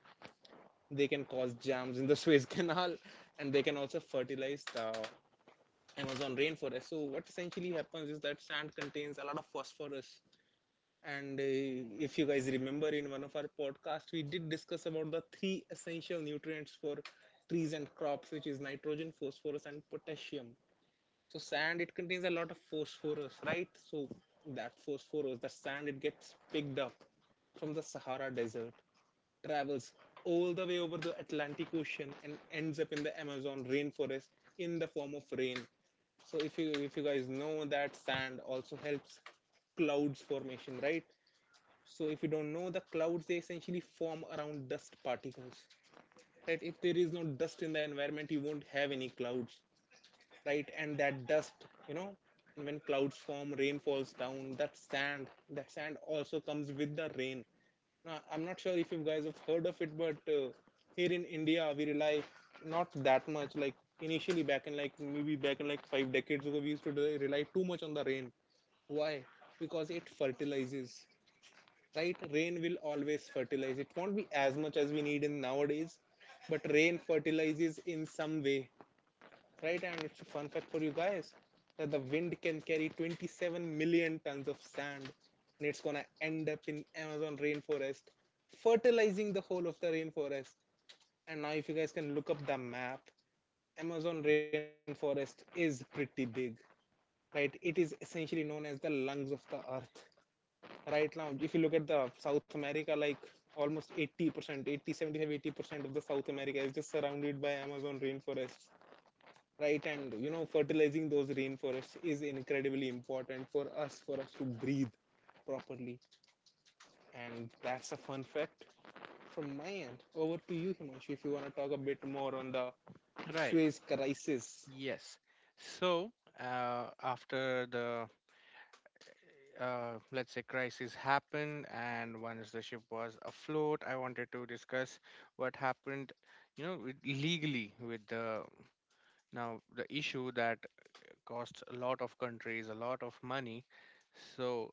They can cause jams in the Suez Canal, and they can also fertilize the Amazon rainforest. So what essentially happens is that sand contains a lot of phosphorus. And if you guys remember in one of our podcasts, we did discuss about the three essential nutrients for trees and crops, which is nitrogen, phosphorus, and potassium. So sand, it contains a lot of phosphorus, right? So that phosphorus, the sand, it gets picked up from the Sahara Desert, travels all the way over the Atlantic Ocean and ends up in the Amazon rainforest in the form of rain. So if you, if you guys know that sand also helps clouds formation, right? So if you don't know, the clouds, they essentially form around dust particles. Right? If there is no dust in the environment, you won't have any clouds, right? And that dust, you know, when clouds form, rain falls down, that sand also comes with the rain. I'm not sure if you guys have heard of it, but here in India, we rely not that much. Like initially, back in like, five decades ago, we used to rely too much on the rain. Why? Because it fertilizes, right? Rain will always fertilize. It won't be as much as we need in nowadays, but rain fertilizes in some way, right? And it's a fun fact for you guys that the wind can carry 27 million tons of sand, and it's gonna end up in Amazon rainforest, fertilizing the whole of the rainforest. And now, if you guys can look up the map, Amazon rainforest is pretty big, right? It is essentially known as the lungs of the earth. Right now, if you look at the South America, like almost 80%, 80, 75, 80% of the South America is just surrounded by Amazon rainforests. Right, and you know fertilizing those rainforests is incredibly important for us, for us to breathe properly. And that's a fun fact from my end. Over to you, Himanshu, if you want to talk a bit more on the Right. Suez crisis. Yes. So after the let's say crisis happened, and once the ship was afloat, I wanted to discuss what happened, with, legally with the now the issue that costs a lot of countries a lot of money. So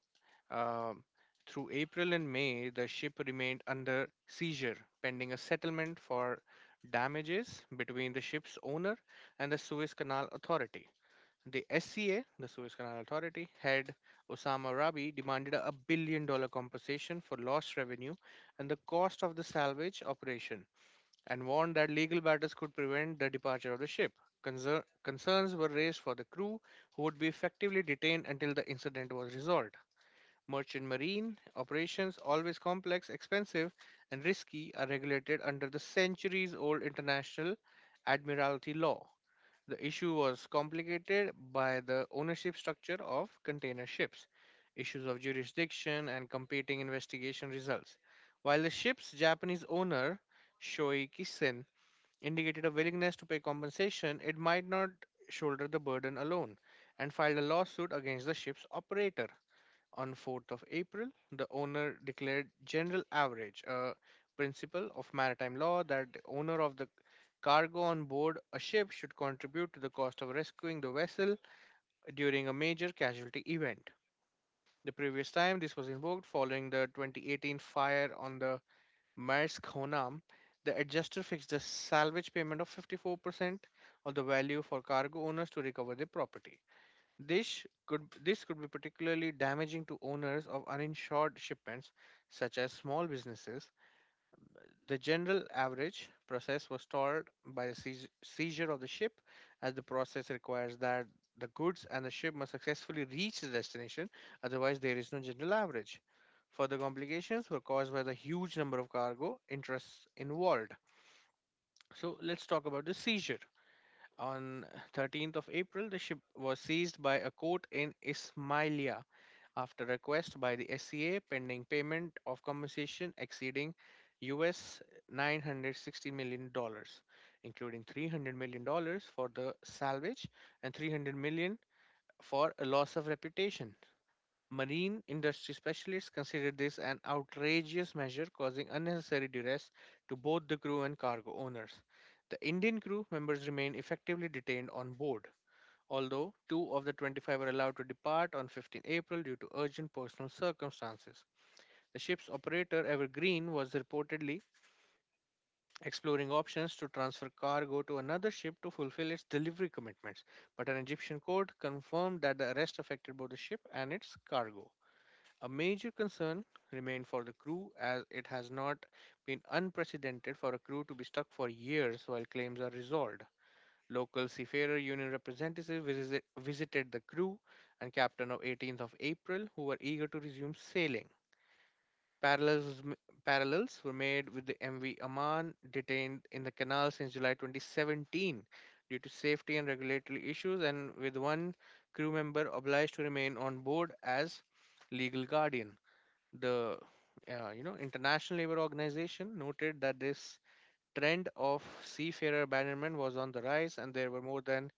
um, through April and May, the ship remained under seizure pending a settlement for damages between the ship's owner and the Suez Canal Authority. The SCA, the Suez Canal Authority, head Osama Rabi demanded $1 billion compensation for lost revenue and the cost of the salvage operation and warned that legal battles could prevent the departure of the ship. Concerns were raised for the crew who would be effectively detained until the incident was resolved. Merchant marine operations, always complex, expensive, and risky, are regulated under the centuries old international admiralty law. The issue was complicated by the ownership structure of container ships, issues of jurisdiction, and competing investigation results. While the ship's Japanese owner, Shoei Kisen, indicated a willingness to pay compensation, it might not shoulder the burden alone and filed a lawsuit against the ship's operator. On 4th of April, the owner declared general average, a principle of maritime law that the owner of the cargo on board a ship should contribute to the cost of rescuing the vessel during a major casualty event. The previous time this was invoked following the 2018 fire on the Maersk Honam, the adjuster fixed the salvage payment of 54% of the value for cargo owners to recover their property. This could be particularly damaging to owners of uninsured shipments such as small businesses. The general average process was stalled by the seizure of the ship, as the process requires that the goods and the ship must successfully reach the destination. Otherwise, there is no general average. Further complications were caused by the huge number of cargo interests involved. So, let's talk about the seizure. On 13th of April, the ship was seized by a court in Ismailia after request by the SCA pending payment of compensation exceeding US $960 million, dollars, including $300 million dollars for the salvage and $300 million for a loss of reputation. Marine industry specialists considered this an outrageous measure causing unnecessary duress to both the crew and cargo owners. The Indian crew members remain effectively detained on board, although two of the 25 were allowed to depart on 15 April due to urgent personal circumstances. The ship's operator, Evergreen, was reportedly exploring options to transfer cargo to another ship to fulfill its delivery commitments, but an Egyptian court confirmed that the arrest affected both the ship and its cargo. A major concern remained for the crew, as it has not been unprecedented for a crew to be stuck for years while claims are resolved. Local Seafarer Union representatives visited the crew and captain of 18th of April, who were eager to resume sailing. Parallels, parallels were made with the MV Amman, detained in the canal since July 2017 due to safety and regulatory issues, and with one crew member obliged to remain on board as legal guardian. The International Labour Organization noted that this trend of seafarer abandonment was on the rise, and there were more than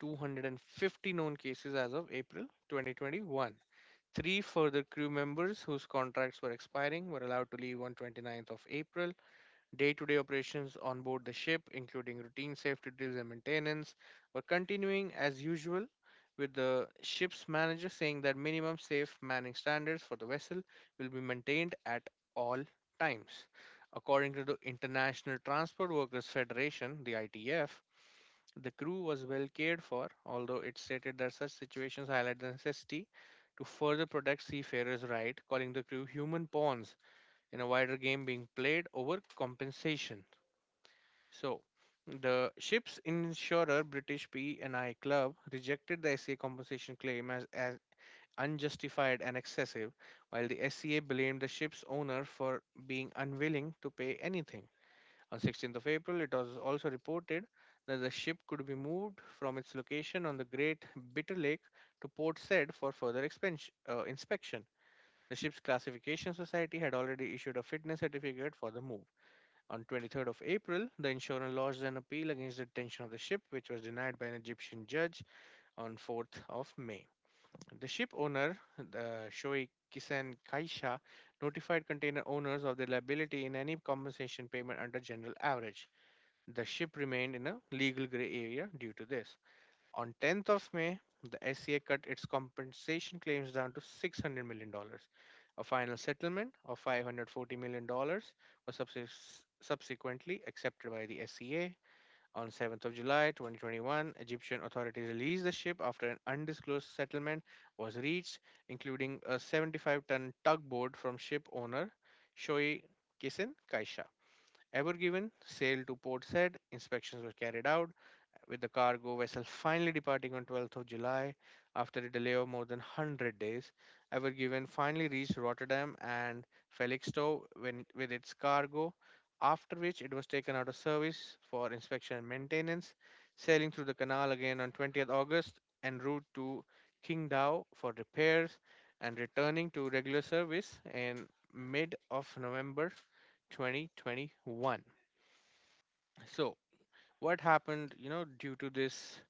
250 known cases as of April 2021. Three further crew members whose contracts were expiring were allowed to leave on 29th of April. Day-to-day operations on board the ship, including routine safety drills and maintenance, were continuing as usual, with the ship's manager saying that minimum safe manning standards for the vessel will be maintained at all times. According to the International Transport Workers Federation, the ITF, the crew was well cared for, although it stated that such situations highlight the necessity to further protect seafarers' rights, calling the crew human pawns in a wider game being played over compensation. So, the ship's insurer, British P&I Club, rejected the SCA compensation claim as unjustified and excessive, while the SCA blamed the ship's owner for being unwilling to pay anything. On 16th of April, it was also reported that the ship could be moved from its location on the Great Bitter Lake to Port Said for further inspection. The ship's classification society had already issued a fitness certificate for the move. On 23rd of April, the insurer lodged an appeal against the detention of the ship, which was denied by an Egyptian judge on 4th of May. The ship owner, the Shoei Kisen Kaisha, notified container owners of their liability in any compensation payment under general average. The ship remained in a legal gray area due to this. On 10th of May, the SCA cut its compensation claims down to $600 million dollars. A final settlement of $540 million dollars was subsequently accepted by the SCA. On 7th of July 2021, Egyptian authorities released the ship after an undisclosed settlement was reached, including a 75-ton tugboat from ship owner Shoei Kissen Kaisha Ever Given. Sail to Port Said, inspections were carried out, with the cargo vessel finally departing on 12th of July after a delay of more than 100 days. Ever Given finally reached Rotterdam and Felixstowe when, with its cargo, after which it was taken out of service for inspection and maintenance, sailing through the canal again on 20th August en route to Qingdao for repairs and returning to regular service in mid of November 2021. So, what happened, due to this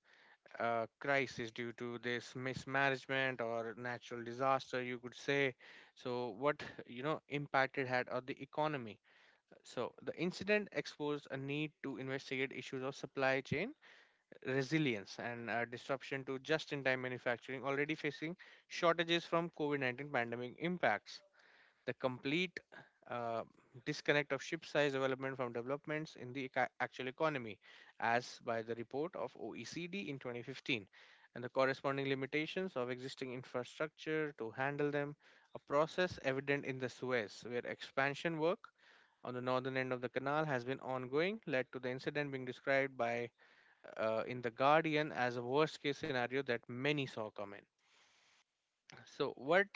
crisis, due to this mismanagement or natural disaster, you could say? So, what, impact it had on the economy? So, the incident exposed a need to investigate issues of supply chain resilience and disruption to just in time manufacturing already facing shortages from COVID 19 pandemic impacts. The complete uh, disconnect of ship size development from developments in the actual economy, as by the report of OECD in 2015, and the corresponding limitations of existing infrastructure to handle them, a process evident in the Suez, where expansion work on the northern end of the canal has been ongoing, led to the incident being described by in the Guardian as a worst case scenario that many saw coming. So, what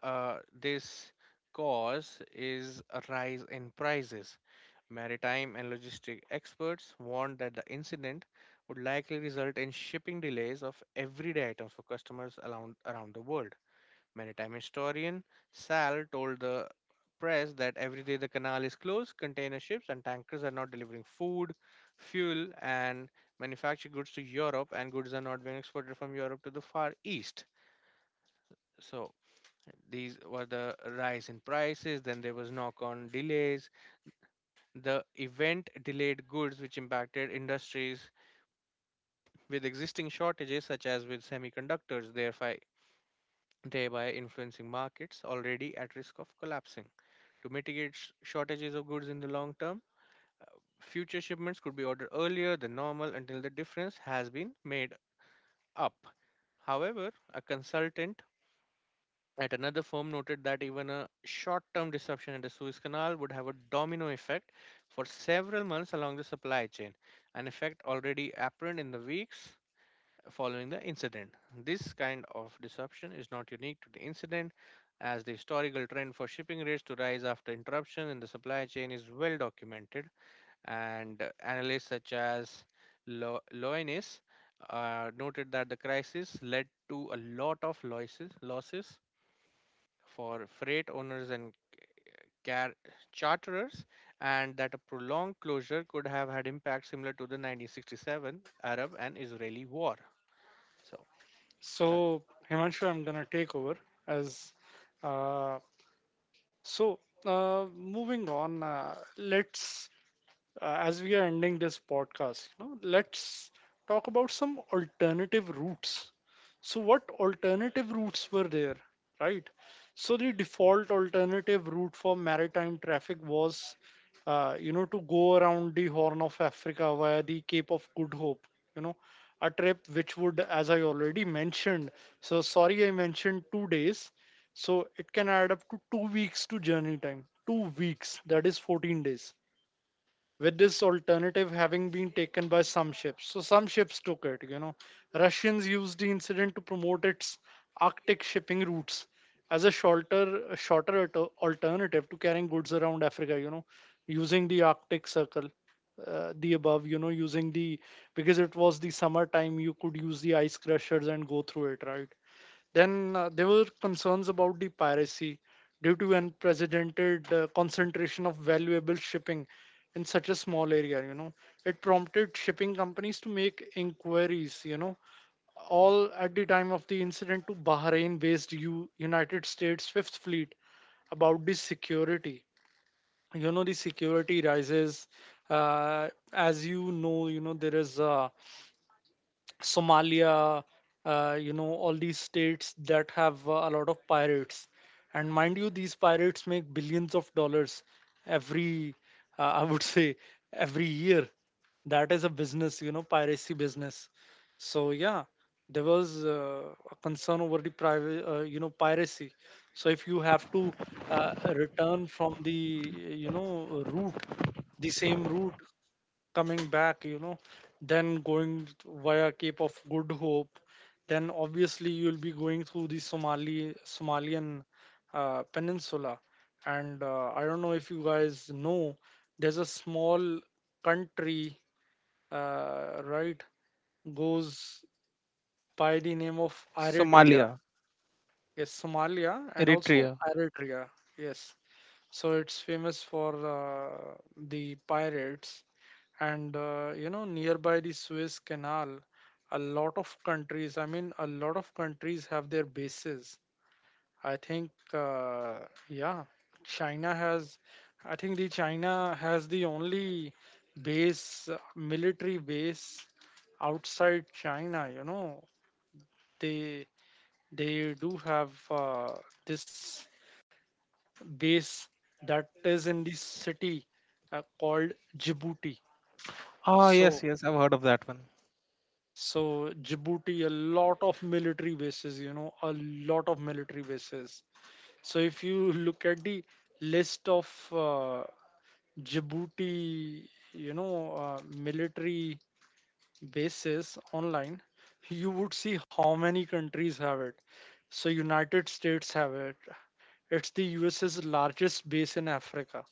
this cause is a rise in prices. Maritime and logistic experts warned that the incident would likely result in shipping delays of everyday items for customers around the world. Maritime historian Sal told the press that every day the canal is closed, container ships and tankers are not delivering food, fuel, and manufactured goods to Europe, and goods are not being exported from Europe to the Far East. So, these were the rise in prices. Then there was knock on delays, the event delayed goods, which impacted industries with existing shortages, such as with semiconductors, thereby influencing markets already at risk of collapsing. To mitigate shortages of goods in the long term, future shipments could be ordered earlier than normal until the difference has been made up. However, a consultant at another firm noted that even a short-term disruption at the Suez Canal would have a domino effect for several months along the supply chain, an effect already apparent in the weeks following the incident. This kind of disruption is not unique to the incident, as the historical trend for shipping rates to rise after interruption in the supply chain is well documented, and analysts such as Loenis noted that the crisis led to a lot of losses for freight owners and car- charterers, and that a prolonged closure could have had impact similar to the 1967 Arab and Israeli war. So, that- So, Himanshu, I'm gonna take over as uh, so, moving on, let's as we are ending this podcast, you know, let's talk about some alternative routes. So, what alternative routes were there, right? So, the default alternative route for maritime traffic was, you know, to go around the Horn of Africa via the Cape of Good Hope, you know, a trip which would, as I already mentioned, so sorry I mentioned 2 days. So, it can add up to 2 weeks to journey time. 2 weeks, that is 14 days, with this alternative having been taken by some ships. So some ships took it, you know. Russians used the incident to promote its Arctic shipping routes as a shorter alternative to carrying goods around Africa, you know, using the Arctic Circle. The above, you know, using the, because it was the summertime, you could use the ice crushers and go through it, right? Then there were concerns about the piracy due to unprecedented concentration of valuable shipping in such a small area, you know. It prompted shipping companies to make inquiries, you know, all at the time of the incident, to Bahrain based United States Fifth Fleet about the security, you know, the security rises, as you know, you know, there is a Somalia, you know, all these states that have a lot of pirates. And mind you, these pirates make billions of dollars every, I would say, every year. That is a business, you know, piracy business. So yeah, there was a concern over the private, you know, piracy. So if you have to return from the, you know, route, the same route coming back, you know, then going via Cape of Good Hope, then obviously you'll be going through the Somalian peninsula. And I don't know if you guys know, there's a small country, right, goes by the name of Eritrea. Somalia, Yes, Somalia and also Eritrea. Eritrea. Yes. So it's famous for the pirates, and you know, nearby the Suez Canal, a lot of countries, I mean, a lot of countries have their bases. I think, yeah, China has, I think the China has the only base, military base outside China, you know, they they do have this base that is in the city called Djibouti. Ah, yes, So, yes, I've heard of that one. so Djibouti, a lot of military bases, you know, a lot of military bases. So, if you look at the list of Djibouti, you know, military bases online, you would see how many countries have it. So, United States have it. It's the US's largest base in Africa.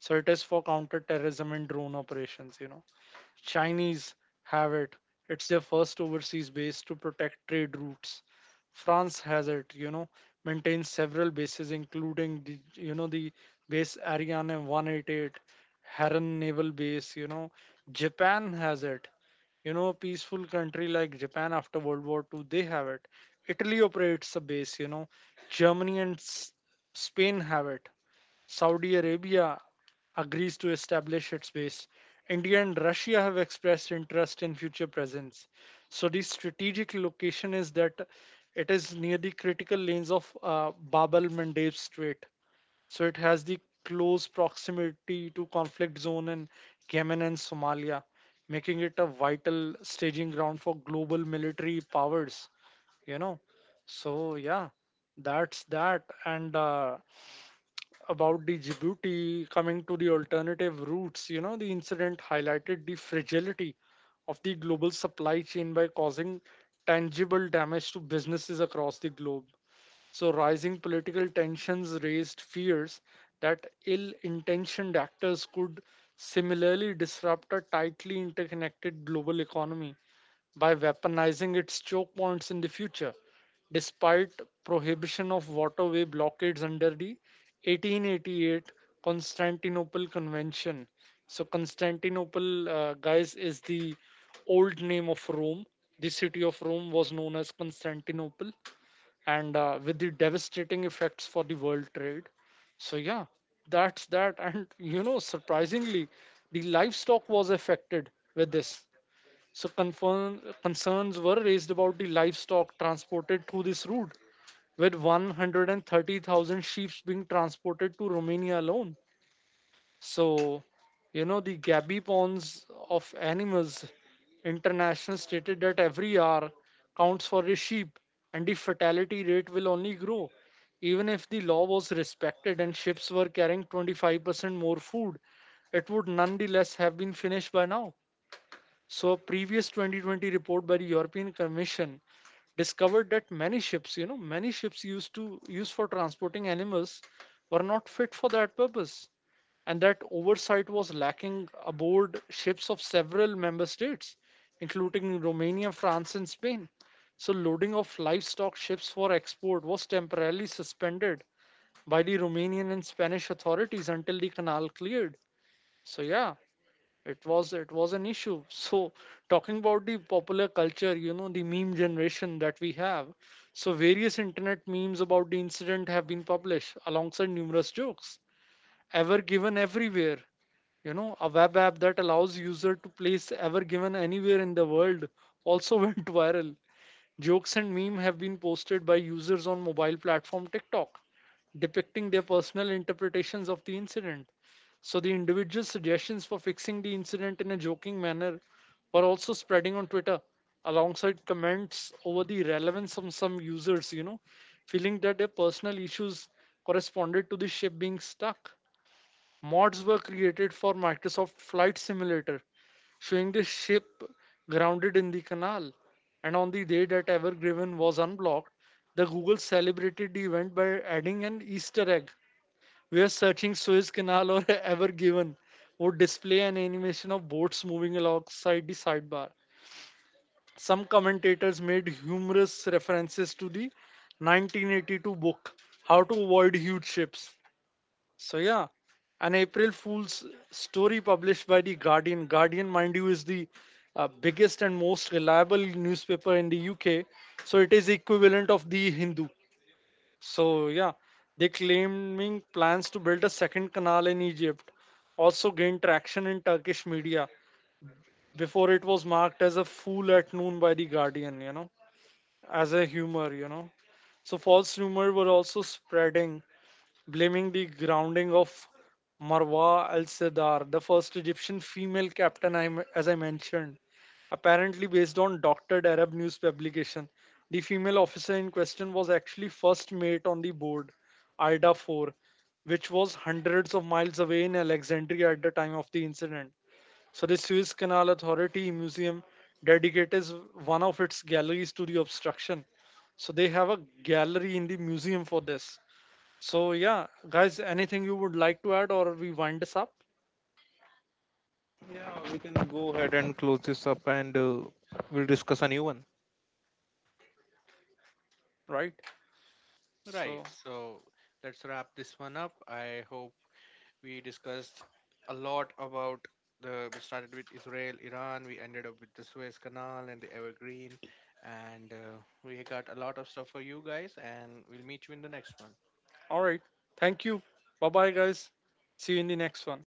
So it is for counterterrorism and drone operations, you know. Chinese have it. It's their first overseas base to protect trade routes. France has it, you know, maintains several bases, including the, you know, the base Ariane 188, Haran Naval Base, you know. Japan has it. You know, a peaceful country like Japan after World War II, they have it. Italy operates a base, you know. Germany and Spain have it. Saudi Arabia agrees to establish its base. India and Russia have expressed interest in future presence. So the strategic location is that it is near the critical lanes of Bab al-Mandeb Strait. So it has the close proximity to conflict zone in Yemen and Somalia, making it a vital staging ground for global military powers. You know, so yeah, that's that. And about the Djibouti, coming to the alternative routes, you know, the incident highlighted the fragility of the global supply chain by causing tangible damage to businesses across the globe. So, rising political tensions raised fears that ill intentioned actors could similarly disrupt a tightly interconnected global economy by weaponizing its choke points in the future, despite prohibition of waterway blockades under the 1888 Constantinople Convention. So, Constantinople, guys, is the old name of Rome. The city of Rome was known as Constantinople, and with the devastating effects for the world trade. So, yeah, that's that. And, you know, surprisingly, the livestock was affected with this. So concerns were raised about the livestock transported through this route, with 130,000 sheep being transported to Romania alone. So, you know, the Gabi Ponds of Animals International stated that every hour counts for a sheep, and the fatality rate will only grow. Even if the law was respected and ships were carrying 25% more food, it would nonetheless have been finished by now. So a previous 2020 report by the European Commission discovered that many ships, you know, many ships used to use for transporting animals were not fit for that purpose, and that oversight was lacking aboard ships of several member states, including Romania, France, and Spain. So, loading of livestock ships for export was temporarily suspended by the Romanian and Spanish authorities until the canal cleared. So, yeah, it was an issue. So talking about the popular culture, you know, the meme generation that we have, so various internet memes about the incident have been published alongside numerous jokes. Ever Given Everywhere, you know, a web app that allows user to place Ever Given anywhere in the world, also went viral. Jokes and meme have been posted by users on mobile platform TikTok, depicting their personal interpretations of the incident. So the individual suggestions for fixing the incident in a joking manner were also spreading on Twitter, alongside comments over the relevance of some users, you know, feeling that their personal issues corresponded to the ship being stuck. Mods were created for Microsoft Flight Simulator, showing the ship grounded in the canal. And on the day that Evergreen was unblocked, the Google celebrated the event by adding an Easter egg. We are searching Suez Canal or Ever Given would display an animation of boats moving alongside the sidebar. Some commentators made humorous references to the 1982 book How to Avoid Huge Ships. So yeah, an April Fool's story published by the Guardian. Guardian, mind you, is the biggest and most reliable newspaper in the UK, so it is equivalent of the Hindu. So yeah, they claiming plans to build a second canal in Egypt also gained traction in Turkish media before it was marked as a fool at noon by the Guardian, you know, as a humor, you know. So false rumor were also spreading, blaming the grounding of Marwa al Sadar, the first Egyptian female captain, as I mentioned. Apparently, based on doctored Arab news publication, the female officer in question was actually first mate on the board, Ida 4, which was hundreds of miles away in Alexandria at the time of the incident. So, the Suez Canal Authority Museum dedicates one of its galleries to the obstruction. So, they have a gallery in the museum for this. So yeah, guys, anything you would like to add or we wind this up, Yeah, we can go ahead and close this up, and we'll discuss a new one. right? right. So So, let's wrap this one up. I hope we discussed a lot about the. We started with Israel, Iran. We ended up with the Suez Canal and the Evergreen, and we got a lot of stuff for you guys. And we'll meet you in the next one. all right. Thank you. Bye bye guys. See you in the next one.